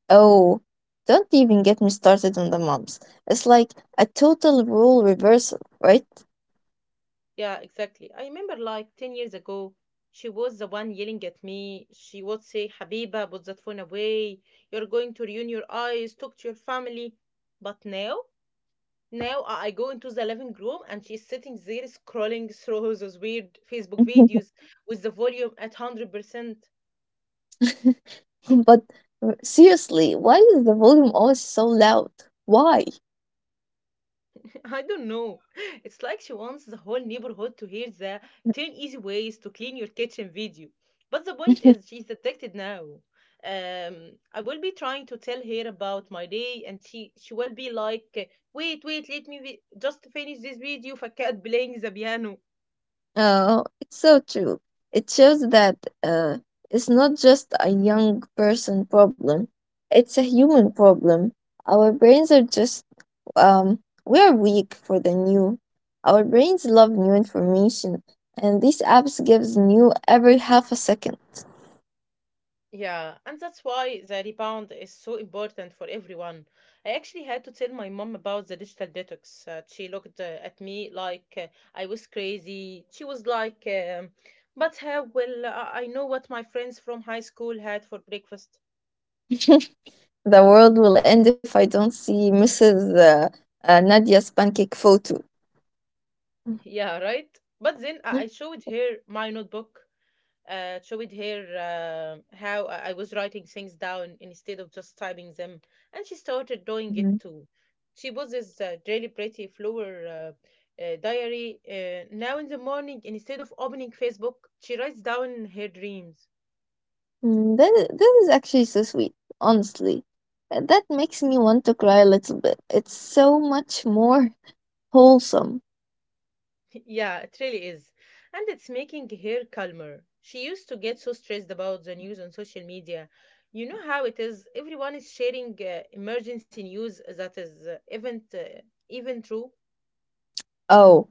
Speaker 2: Oh, don't even get me started on the moms. It's like a total rule reversal, right?
Speaker 1: Yeah, exactly. I remember like ten years ago, she was the one yelling at me. She would say, Habiba, put that phone away. You're going to ruin your eyes. Talk to your family. But now, now I I go into the living room and she's sitting there scrolling through those weird Facebook videos with the volume at one hundred percent.
Speaker 2: but uh, seriously, why is the volume always so loud? Why?
Speaker 1: I don't know. It's like she wants the whole neighborhood to hear the ten easy ways to clean your kitchen video. But the point is, she's addicted now. Um, I will be trying to tell her about my day, and she, she will be like, "Wait, wait, let me vi- just finish this video for cat playing the piano."
Speaker 2: Oh, it's so true. It shows that uh, it's not just a young person problem, it's a human problem. Our brains are just um, we are weak for the new. Our brains love new information, and these apps gives new every half a second.
Speaker 1: Yeah, and that's why the rebound is so important for everyone. I actually had to tell my mom about the digital detox. Uh, she looked uh, at me like uh, I was crazy. She was like, um, "But how will I I know what my friends from high school had for breakfast?"
Speaker 2: The world will end if I don't see missus Uh, uh, Nadia's pancake photo.
Speaker 1: Yeah, right. But then I I showed her my notebook. Uh, showed her uh, how I I was writing things down instead of just typing them, and she started doing
Speaker 2: Mhm.
Speaker 1: it too. She poses a really pretty flower uh, uh, diary. Uh, now in the morning, instead of opening Facebook, she writes down her dreams.
Speaker 2: Mm, That, that is actually so sweet, honestly. Uh, That makes me want to cry a little bit. It's so much more wholesome.
Speaker 1: Yeah, it really is. And it's making her calmer. She used to get so stressed about the news on social media. You know how it is. Everyone is sharing uh, emergency news that is uh, even uh, even true.
Speaker 2: Oh,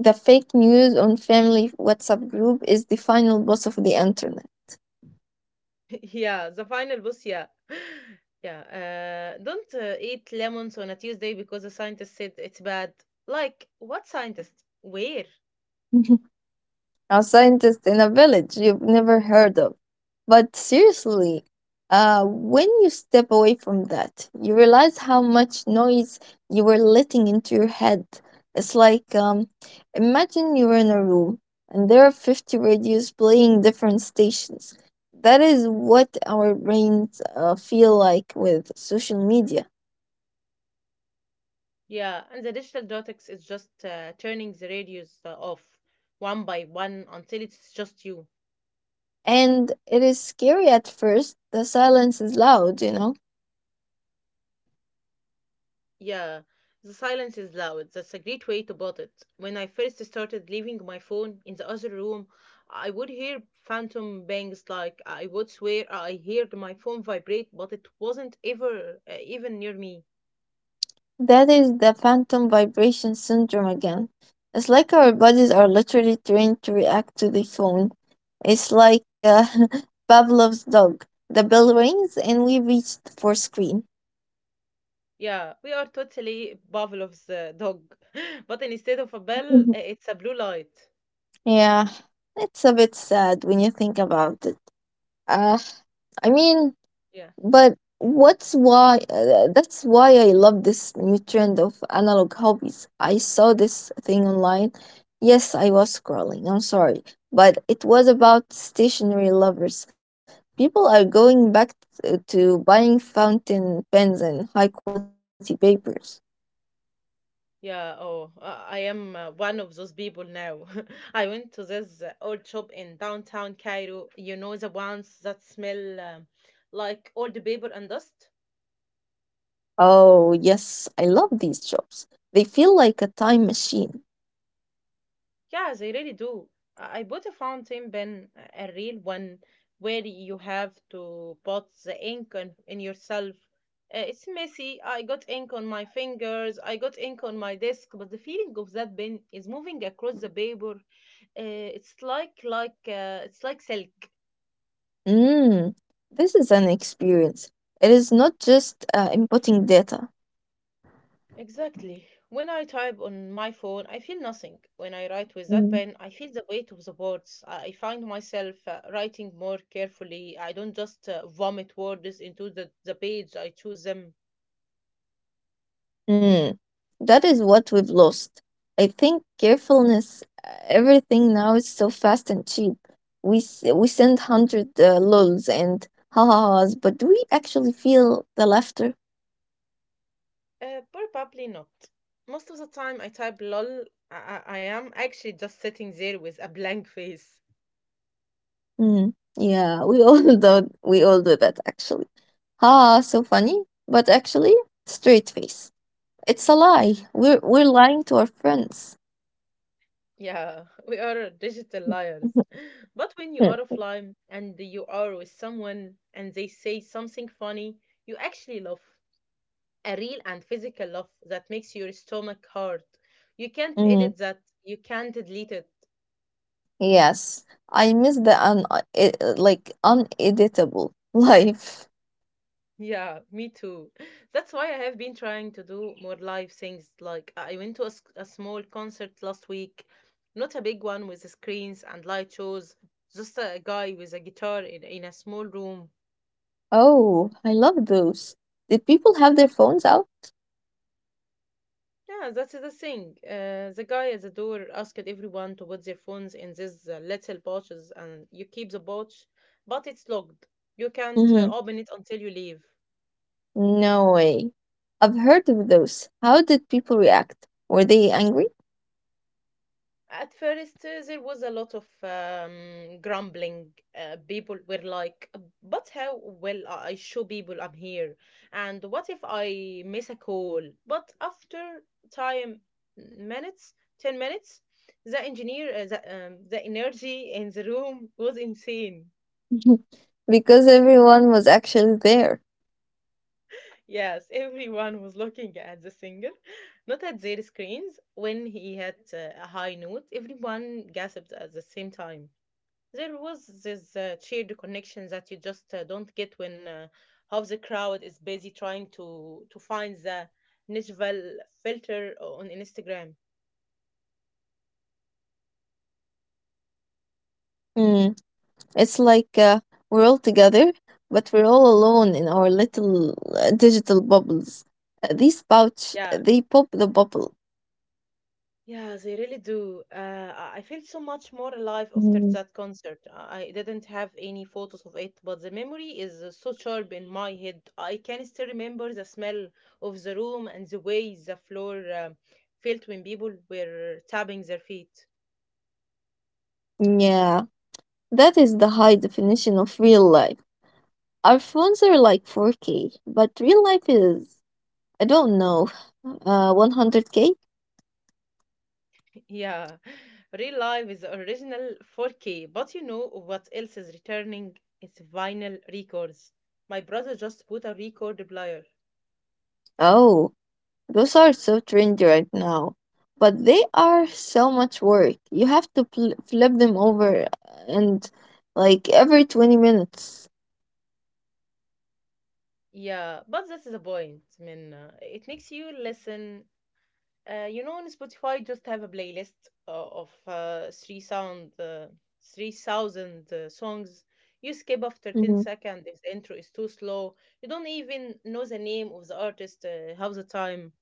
Speaker 2: the fake news on family WhatsApp group is the final boss of the internet.
Speaker 1: Yeah, the final boss, yeah. Yeah, uh, don't uh, eat lemons on a Tuesday because a scientist said it's bad. Like, what scientist? Where?
Speaker 2: A scientist in a village you've never heard of. But seriously, uh, when you step away from that, you realize how much noise you were letting into your head. It's like um, imagine you're in a room and there are fifty radios playing different stations. That is what our brains uh, feel like with social media.
Speaker 1: Yeah, and the digital dotex is just uh, turning the radios uh, off one by one until it's just you.
Speaker 2: And it is scary at first. The silence is loud, you know?
Speaker 1: Yeah, the silence is loud. That's a great way to put it. When I first started leaving my phone in the other room, I would hear phantom bangs. Like I would swear I heard my phone vibrate, but it wasn't ever uh, even near me.
Speaker 2: That is the phantom vibration syndrome again. It's like our bodies are literally trained to react to the phone. It's like uh, Pavlov's dog. The bell rings and we reached for screen.
Speaker 1: Yeah, we are totally Pavlov's uh, dog, but instead of a bell, uh, it's a blue light.
Speaker 2: Yeah, it's a bit sad when you think about it. Uh, I mean,
Speaker 1: Yeah.
Speaker 2: But what's why uh, that's why I love this new trend of analog hobbies. I saw this thing online. Yes, I was scrolling. I'm sorry, but it was about stationery lovers. People are going back t- uh, to buying fountain pens and high quality papers.
Speaker 1: Yeah, oh, uh, I am uh, one of those people now. I went to this uh, old shop in downtown Cairo. You know, the ones that smell um, like old paper and dust?
Speaker 2: Oh, yes, I love these shops. They feel like a time machine.
Speaker 1: Yeah, they really do. I I bought a fountain pen, a a real one, where you have to put the ink on, in yourself. Uh, it's messy. I got ink on my fingers, I got ink on my desk, but the feeling of that pen is moving across the paper. Uh, it's like like uh, it's like silk.
Speaker 2: Hmm, this is an experience. It is not just uh, inputting data.
Speaker 1: Exactly. When I type on my phone, I feel nothing. When I write with that pen,
Speaker 2: Mm.
Speaker 1: I feel the weight of the words. I I find myself uh, writing more carefully. I don't just uh, vomit words into the, the page, I choose them.
Speaker 2: Hmm. That is what we've lost. I think carefulness, everything now is so fast and cheap. We s- we send hundred uh, lols and ha ha ha's, but do we actually feel the laughter?
Speaker 1: Uh, probably not. Most of the time, I type lol. I, I I am actually just sitting there with a blank face.
Speaker 2: Hmm. Yeah, we all do. We all do that actually. Ha, ha, so funny, but actually straight face. It's a lie.
Speaker 1: Hmm.
Speaker 2: We're we're lying to our friends.
Speaker 1: Yeah, we are digital liars. But when you are offline and you are with someone and they say something funny, you actually laugh. A real and physical laugh that makes your stomach hurt. You can't
Speaker 2: Hmm.
Speaker 1: edit that. You can't delete it.
Speaker 2: Yes, I miss the un e- like uneditable life.
Speaker 1: Yeah, me too. That's why I have been trying to do more live things. Like I went to a, s- a small concert last week, not a big one with screens and light shows, just a guy with a guitar in, in a small room.
Speaker 2: Oh, I love those. Did people have their phones out?
Speaker 1: Yeah, that's the thing. Uh, the guy at the door asked everyone to put their phones in these uh, little pouches, and you keep the pouch, but it's locked. You can't uh,
Speaker 2: Mm-hmm.
Speaker 1: open it until you leave.
Speaker 2: No way. I've heard of those. How did people react? Were they angry?
Speaker 1: At first, uh, there was a lot of um, grumbling. Uh, people were like, "Uh, but how will I show people I'm here? And what if I miss a call?" But after time, minutes, ten minutes, the engineer, uh, the, um, the energy in the room was insane.
Speaker 2: Because everyone was actually there.
Speaker 1: Yes, everyone was looking at the singer, not at their screens. When he had uh, a high note, everyone gasped at the same time. There was this uh, shared connection that you just uh, don't get when uh, half the crowd is busy trying to to find the Nashville filter on Instagram.
Speaker 2: Mm, it's like uh, we're all together, but we're all alone in our little uh, digital bubbles. Uh, these pouch, they pop the bubble.
Speaker 1: Yeah, yeah, they really do. Uh, I I felt so much
Speaker 2: Mm.
Speaker 1: more alive after that concert. I I didn't have any photos of it, but the memory is uh, so sharp in my head. I can still remember the smell of the room and the way the floor um felt when people were tapping their feet.
Speaker 2: Yeah, that is the high definition of real life. Our phones are like four K, but real life is, I don't know, uh, one hundred K?
Speaker 1: Yeah, real life is original four K, but you know what else is returning? It's vinyl records. My brother just put a record player.
Speaker 2: Oh, those are so trendy right now, but they are so much work. You have to pl- flip them over and like every twenty minutes.
Speaker 1: Yeah, but this is the point. I mean, uh, it makes you listen. Uh, you know, on Spotify, just have a playlist uh, of uh, three sound, uh, three thousand uh, songs. You skip after ten
Speaker 2: Mhm.
Speaker 1: seconds if the intro is too slow. You don't even know the name of the artist uh, half the time.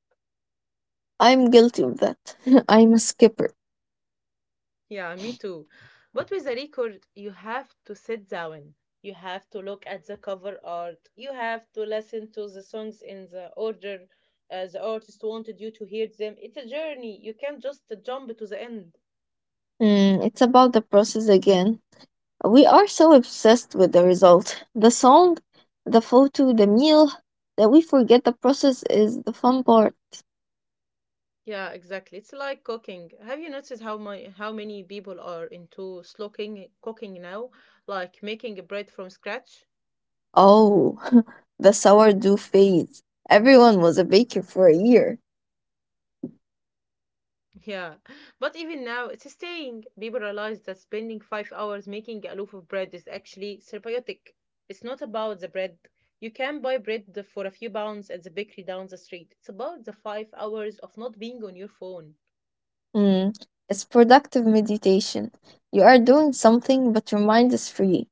Speaker 2: I'm guilty of that. I'm a skipper.
Speaker 1: Yeah, me too. But with a record, you have to sit down. You have to look at the cover art. You have to listen to the songs in the order uh, the artist wanted you to hear them. It's a journey. You can't just jump to the end.
Speaker 2: Mm, it's about the process again. We are so obsessed with the result. The song, the photo, the meal, that we forget the process is the fun part.
Speaker 1: Yeah, exactly. It's like cooking. Have you noticed how my, how many people are into slow cooking cooking now, like making bread from scratch?
Speaker 2: Oh, the sourdough phase. Everyone was a baker for a year.
Speaker 1: Yeah, but even now, it's staying. People realize that spending five hours making a loaf of bread is actually therapeutic. It's not about the bread. You can buy bread for a few pounds at the bakery down the street. It's about the five hours of not being on your phone.
Speaker 2: Mm, it's productive meditation. You are doing
Speaker 1: Yeah.
Speaker 2: something, but your mind is free.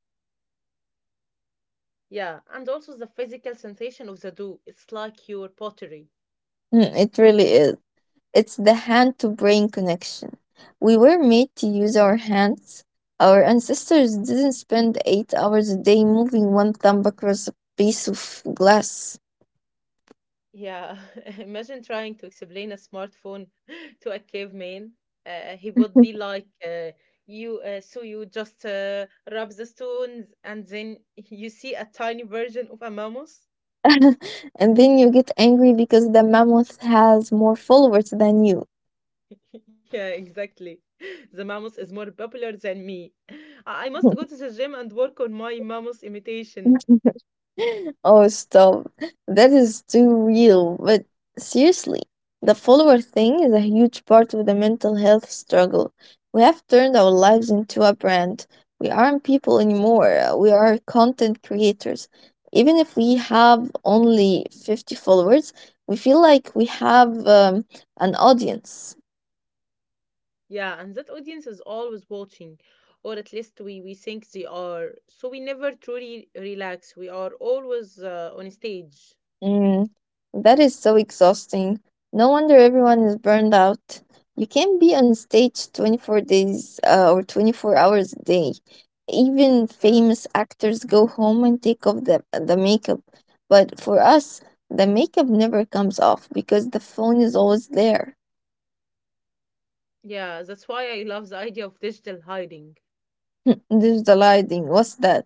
Speaker 1: Yeah, and also the physical sensation of the dough. It's like your pottery.
Speaker 2: Mm, it really is. It's the hand to brain connection. We were made to use our hands. Our ancestors didn't spend eight hours a day moving one thumb across a piece of glass.
Speaker 1: Yeah, imagine trying to explain a smartphone to a caveman. Uh, he would be like, uh, "You, uh, so you just uh, rub the stones, and then you see a tiny version of a mammoth."
Speaker 2: And then you get angry because the mammoth has more followers than you.
Speaker 1: Yeah, exactly. The mammoth is more popular than me. I I must go to the gym and work on my mammoth imitation.
Speaker 2: Oh, stop. That is too real. But seriously, the follower thing is a huge part of the mental health struggle. We have turned our lives into a brand. We aren't people anymore. We are content creators. Even if we have only fifty followers, we feel like we have um, an audience.
Speaker 1: Yeah, and that audience is always watching, or at least we we think they are. So we never truly relax. We are always uh, on stage.
Speaker 2: Mm, that is so exhausting. No wonder everyone is burned out. You can't be on stage twenty-four days uh, or twenty-four hours a day. Even
Speaker 1: Yeah.
Speaker 2: famous actors go home and take off the, the makeup. But for us, the makeup never comes off because the phone is always there.
Speaker 1: Yeah, that's why I love the idea of digital hiding.
Speaker 2: There's the lighting. What's that?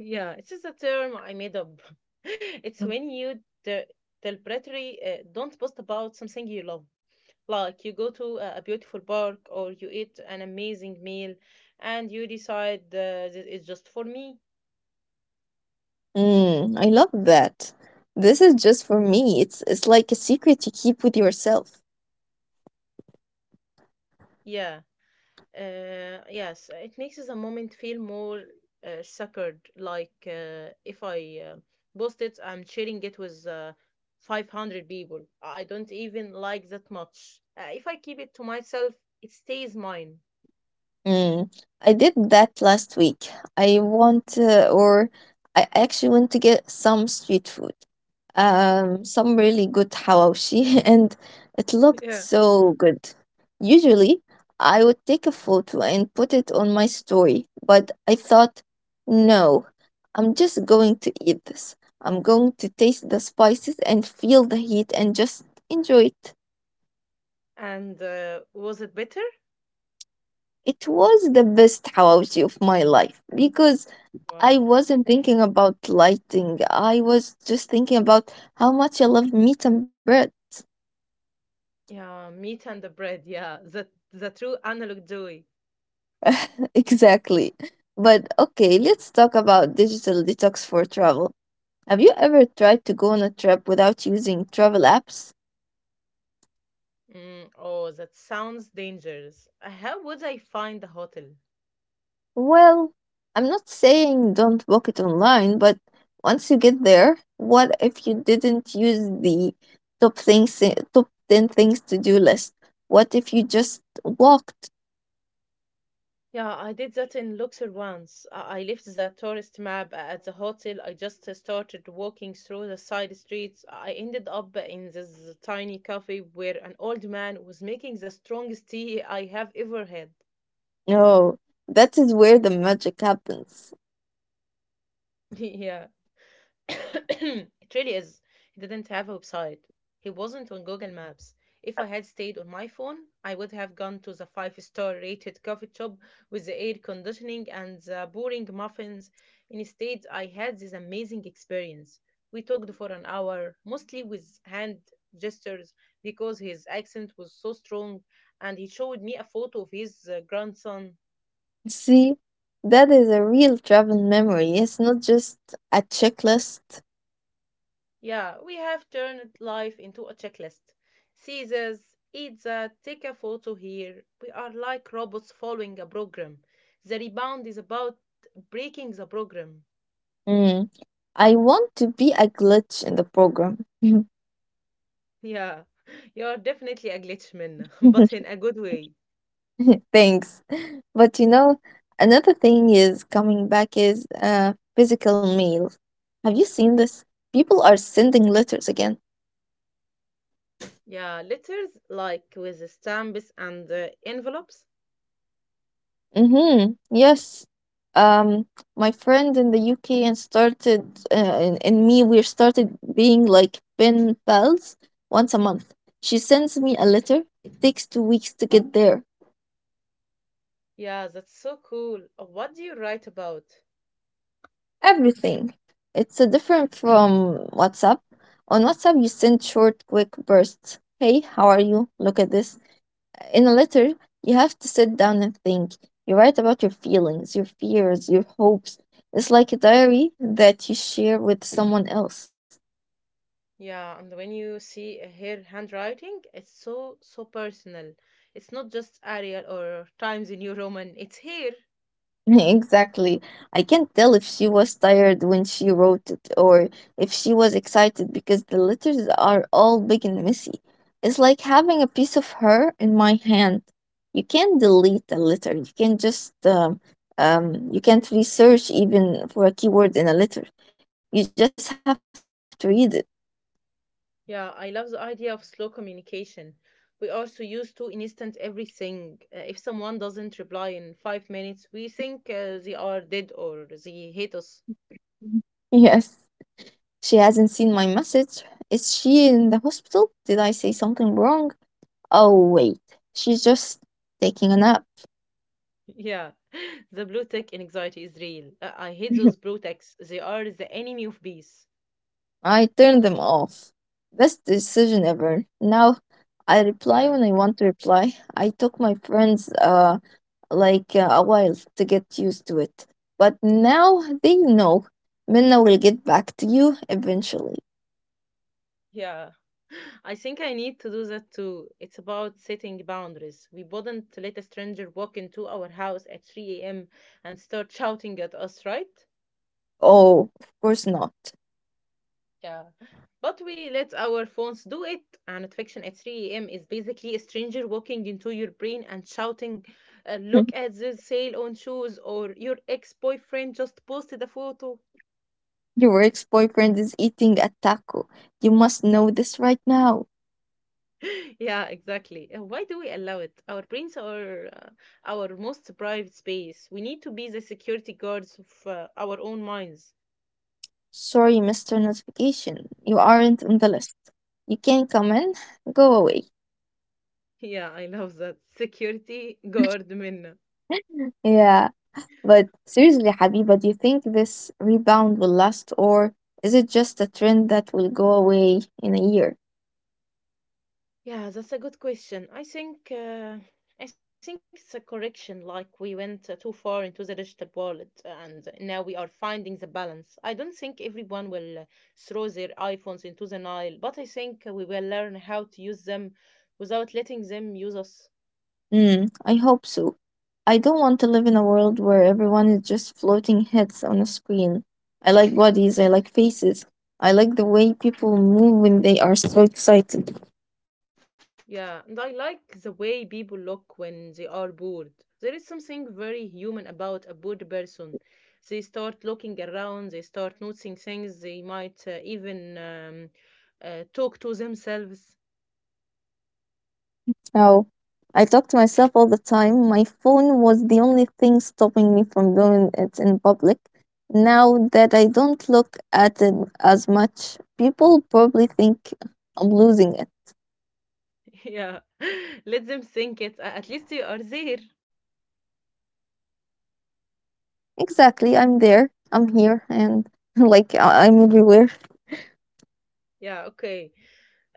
Speaker 1: Yeah, it's just a term I made up. It's when you de- deliberately uh, don't post about something you love. Like you go to a a beautiful park or you eat an amazing meal and you decide uh, this is just for me.
Speaker 2: Mm, I love that. This is just for me. It's, it's like a secret you keep with yourself.
Speaker 1: Yeah, Uh, yes, it makes the moment feel more uh, sacred. Like uh, if I uh, post it, I'm sharing it with uh, five hundred people. I don't even like that much. Uh, if I keep it to myself, it stays mine.
Speaker 2: Mm, I did that last week. I want,
Speaker 1: Yeah.
Speaker 2: uh, or I actually want to get some street food, um, some really good hawashi, and it looked
Speaker 1: Yeah.
Speaker 2: so good. Usually, I would take a photo and put it on my story, but I thought, no, I'm just going to eat this. I'm going to taste the spices and feel the heat and just enjoy it.
Speaker 1: And uh, was it bitter?
Speaker 2: It was the best hawashi of my life because I
Speaker 1: Wow.
Speaker 2: wasn't thinking about lighting. I was just thinking about how much I love meat and bread.
Speaker 1: Yeah, meat and the bread. Yeah, the the true analog joy.
Speaker 2: Exactly. But okay, let's talk about digital detox for travel. Have you ever tried to go on a trip without using travel apps?
Speaker 1: Mm, oh, that sounds dangerous. Uh, How would I find the hotel?
Speaker 2: Well, I'm not saying don't book it online, but once you get there, what if you didn't use the top things top ten things to do list? What if you just walked?
Speaker 1: Yeah, I did that in Luxor once. I I left the tourist map at the hotel. I just uh, started walking through the side streets. I ended up in this tiny cafe where an old man was making the strongest tea I have ever had.
Speaker 2: Oh, that is where the magic happens.
Speaker 1: Yeah. It really is. He didn't have a website. He wasn't on Google Maps. If I had stayed on my phone, I would have gone to the five star rated coffee shop with the air conditioning and the boring muffins. Instead, I had this amazing experience. We talked for an hour, mostly with hand gestures because his accent was so strong, and he showed me a photo of his uh, grandson.
Speaker 2: See, that is a real travel memory. It's not just a checklist.
Speaker 1: Yeah, we have turned life into a checklist. See this, eat that, take a photo here. We are like robots following a program. The rebound is about breaking the program.
Speaker 2: Mm. I want to be a glitch in the program.
Speaker 1: Yeah, you are definitely a glitch, Minna, but in a good way.
Speaker 2: Thanks. But you know, another thing is coming back is uh, physical mail. Have you seen this? People are sending letters again.
Speaker 1: Yeah, letters like with the stamps and the envelopes.
Speaker 2: Mm-hmm. Yes. Um, my friend in the U K and started, uh, and, and me, we started being like pen pals once a month. She sends me a letter. It takes two weeks to get there.
Speaker 1: Yeah, that's so cool. What do you write about?
Speaker 2: Everything. It's a different from WhatsApp. On WhatsApp, you send short, quick bursts. Hey, how are you? Look at this. In a letter, you have to sit down and think. You write about your feelings, your fears, your hopes. It's like a diary that you share with someone else.
Speaker 1: Yeah, and when you see her handwriting, it's so so personal. It's not just Arial or Times New Roman, it's here.
Speaker 2: Exactly. I can't tell if she was tired when she wrote it or if she was excited because the letters are all big and messy. It's like having a piece of her in my hand. You can't delete a letter. You can just um, um, you can't research even for a keyword in a letter. You just have to read it.
Speaker 1: Yeah, I love the idea of slow communication. We are so used to instant everything. Uh, if someone doesn't reply in five minutes, we think uh, they are dead or they hate us.
Speaker 2: Yes, she hasn't seen my message. Is she in the hospital? Did I say something wrong? Oh, wait, she's just taking a nap.
Speaker 1: Yeah, the blue tick anxiety is real. Uh, I hate those blue ticks. They are the enemy of peace.
Speaker 2: I turned them off. Best decision ever. Now I reply
Speaker 1: Yeah.
Speaker 2: when I want to reply. I took my friends uh like uh, a while to get used to it. But now they know. Minna will get back to you eventually.
Speaker 1: Yeah. I think I need to do that too. It's about setting boundaries. We wouldn't let a stranger walk into our house at three a m and start shouting at us, right?
Speaker 2: Oh, of course not.
Speaker 1: Yeah. But we let our phones do it, and fiction at three a m is basically a stranger walking into your brain and shouting, uh, "Look at this sale on shoes," or "Your ex boyfriend just posted a photo."
Speaker 2: Your ex-boyfriend is eating a taco. You must know this right now.
Speaker 1: Yeah, exactly. Uh, why do we allow it? Our brains are uh, Our most private space. We need to be the security guards of uh, our own minds.
Speaker 2: Sorry, mister Notification. You aren't on the list. You can't come in. Go away.
Speaker 1: Yeah, I love that. Security guard Minna.
Speaker 2: Yeah, but seriously, Habiba, do you think this rebound will last, or is it just a trend that will go away in a year?
Speaker 1: Yeah, that's a good question. I think uh, I think it's a correction. Like we went uh, too far into the digital world, and now we are finding the balance. I don't think everyone will uh, throw their iPhones into the Nile, but I think we will learn how to use them without letting them use us.
Speaker 2: Mm, I hope so. I don't want to live in a world where everyone is just floating heads on a screen. I like bodies, I like faces. I like the way people move when they are so excited.
Speaker 1: Yeah, and I like the way people look when they are bored. There is something very human about a bored person. They start looking around, they start noticing things, they might uh, even um, uh, talk to themselves.
Speaker 2: How I talk to myself all the time. My phone was the only thing stopping me from doing it in public. Now that I don't look at it as much, people probably think I'm losing it.
Speaker 1: Yeah, let them think it. A- At least you are there.
Speaker 2: Exactly, I'm there, I'm here, and like I- I'm everywhere.
Speaker 1: Yeah, okay.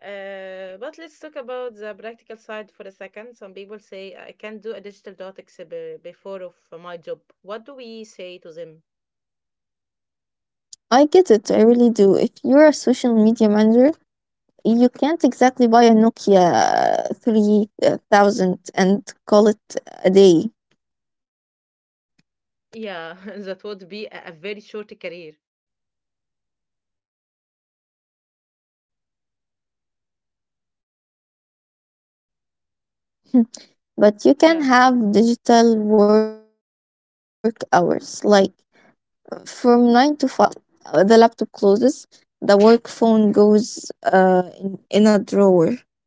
Speaker 1: Uh, but let's talk about the practical side for a second. Some people say I can't do a digital dot exhibit before of uh, my job. What do we say to them?
Speaker 2: I get it, I really do. If you're a social media manager, you can't exactly buy a Nokia three thousand and call it a day.
Speaker 1: Yeah, that would be a, a very short career.
Speaker 2: But you can have digital work hours, like from nine to five. uh, I'm the king of the
Speaker 1: Yeah,
Speaker 2: internet. I'm clicking, I'm posting, uh, I'm engaging. But at five, uh, one minute, uh, the laptop closes, the work phone goes, uh, in, in a drawer.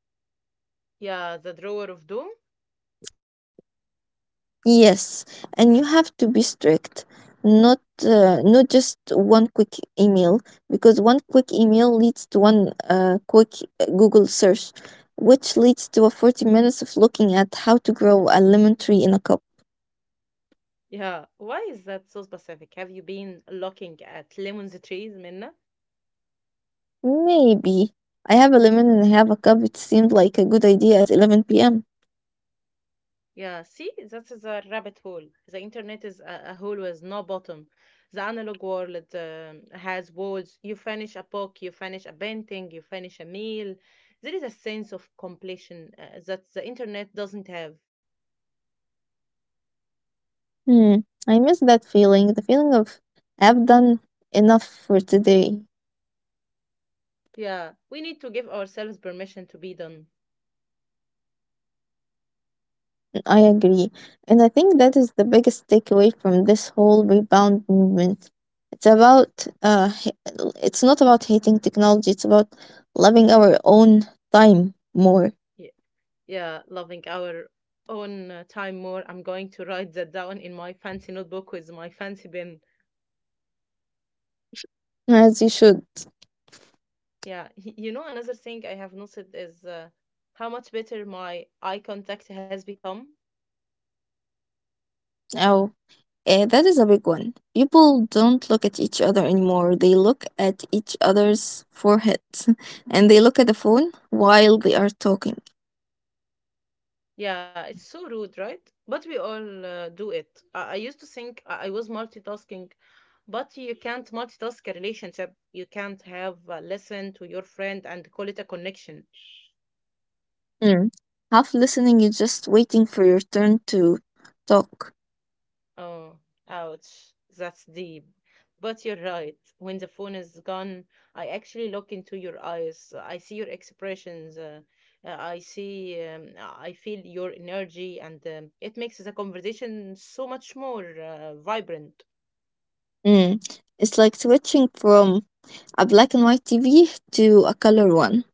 Speaker 1: yeah, the drawer of doom.
Speaker 2: Yes, and you have to be strict. Not uh, not just one quick email, because one quick email leads to one uh, quick uh, Google search, which leads to a forty minutes of looking at how to grow a lemon tree in a cup.
Speaker 1: Yeah, why is that so specific? Have you been looking at lemons trees, Minna?
Speaker 2: Maybe I have a lemon and I have a cup. It seemed like a good idea at eleven p m.
Speaker 1: Yeah, see, that is a rabbit hole. The internet is a, a hole with no bottom. The analog world um, has walls. You finish a book, you finish a painting, you finish a meal. There is a sense of completion uh, that the internet doesn't have.
Speaker 2: Hmm, I miss that feeling, the feeling of I've done enough for today.
Speaker 1: Yeah, we need to give ourselves permission to be done.
Speaker 2: I agree. And I think that is the biggest takeaway from this whole rebound movement. It's about, uh, h- it's not about hating technology, it's about loving our own time more,
Speaker 1: Yeah, loving our own uh, time more. I'm going to write that down in my fancy notebook with my fancy pen.
Speaker 2: as you should.
Speaker 1: Yeah, y- you know, another thing I have noticed is uh, how much better my eye contact has become.
Speaker 2: Uh, that is a big one. People don't look at each other anymore. They look at each other's foreheads and they look at the phone while they are talking.
Speaker 1: Yeah, it's so rude, right? But we all uh, do it. I-, I used to think I-, I was multitasking, but you can't multitask a relationship. You can't have a lesson to your friend and call it a connection.
Speaker 2: Mm. Half listening is just waiting for your turn to talk.
Speaker 1: Oh, ouch. That's deep. But you're right. When the phone is gone, I actually look into your eyes. I see your expressions. Uh, uh, I see, um, I feel your energy, and um, it makes the conversation so much more uh, vibrant.
Speaker 2: Mm. It's like switching from a black and white T V to a color one.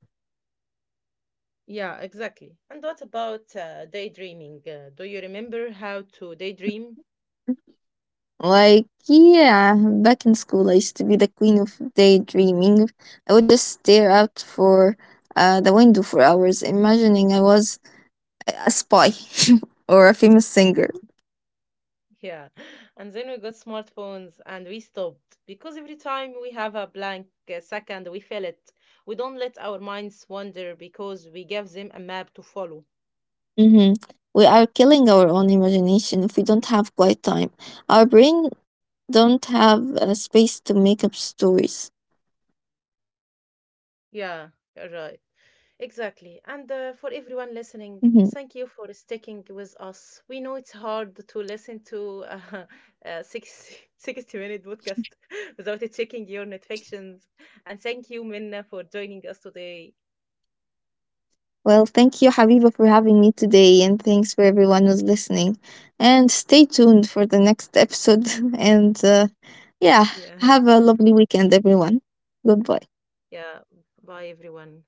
Speaker 1: Yeah, exactly. And what about uh, daydreaming? Uh, do you remember how to daydream?
Speaker 2: Like, yeah, back in school, I used to be the queen of daydreaming. I would just stare out for uh, the window for hours, imagining I was a spy or a famous singer.
Speaker 1: Yeah. And then we got smartphones and we stopped because every time we have a blank uh, second, we fill it. We don't let our minds wander because we give them a map to follow.
Speaker 2: Mm-hmm. We are killing our own imagination if we don't have quiet time. Our brain don't have uh, space to make up stories.
Speaker 1: Yeah, you're right. Exactly.
Speaker 2: Mm-hmm.
Speaker 1: And uh, for everyone listening, thank you for sticking with us. We know it's hard to listen to uh, a six thousand sixty minute podcast without checking your notifications. And thank you, Minna, for joining us today.
Speaker 2: Well, thank you, Habiba, for having me today, and thanks for everyone who's listening. And stay tuned for the next episode. and uh, yeah,
Speaker 1: Yeah.
Speaker 2: have a lovely weekend, everyone. Goodbye.
Speaker 1: Yeah. Bye, everyone.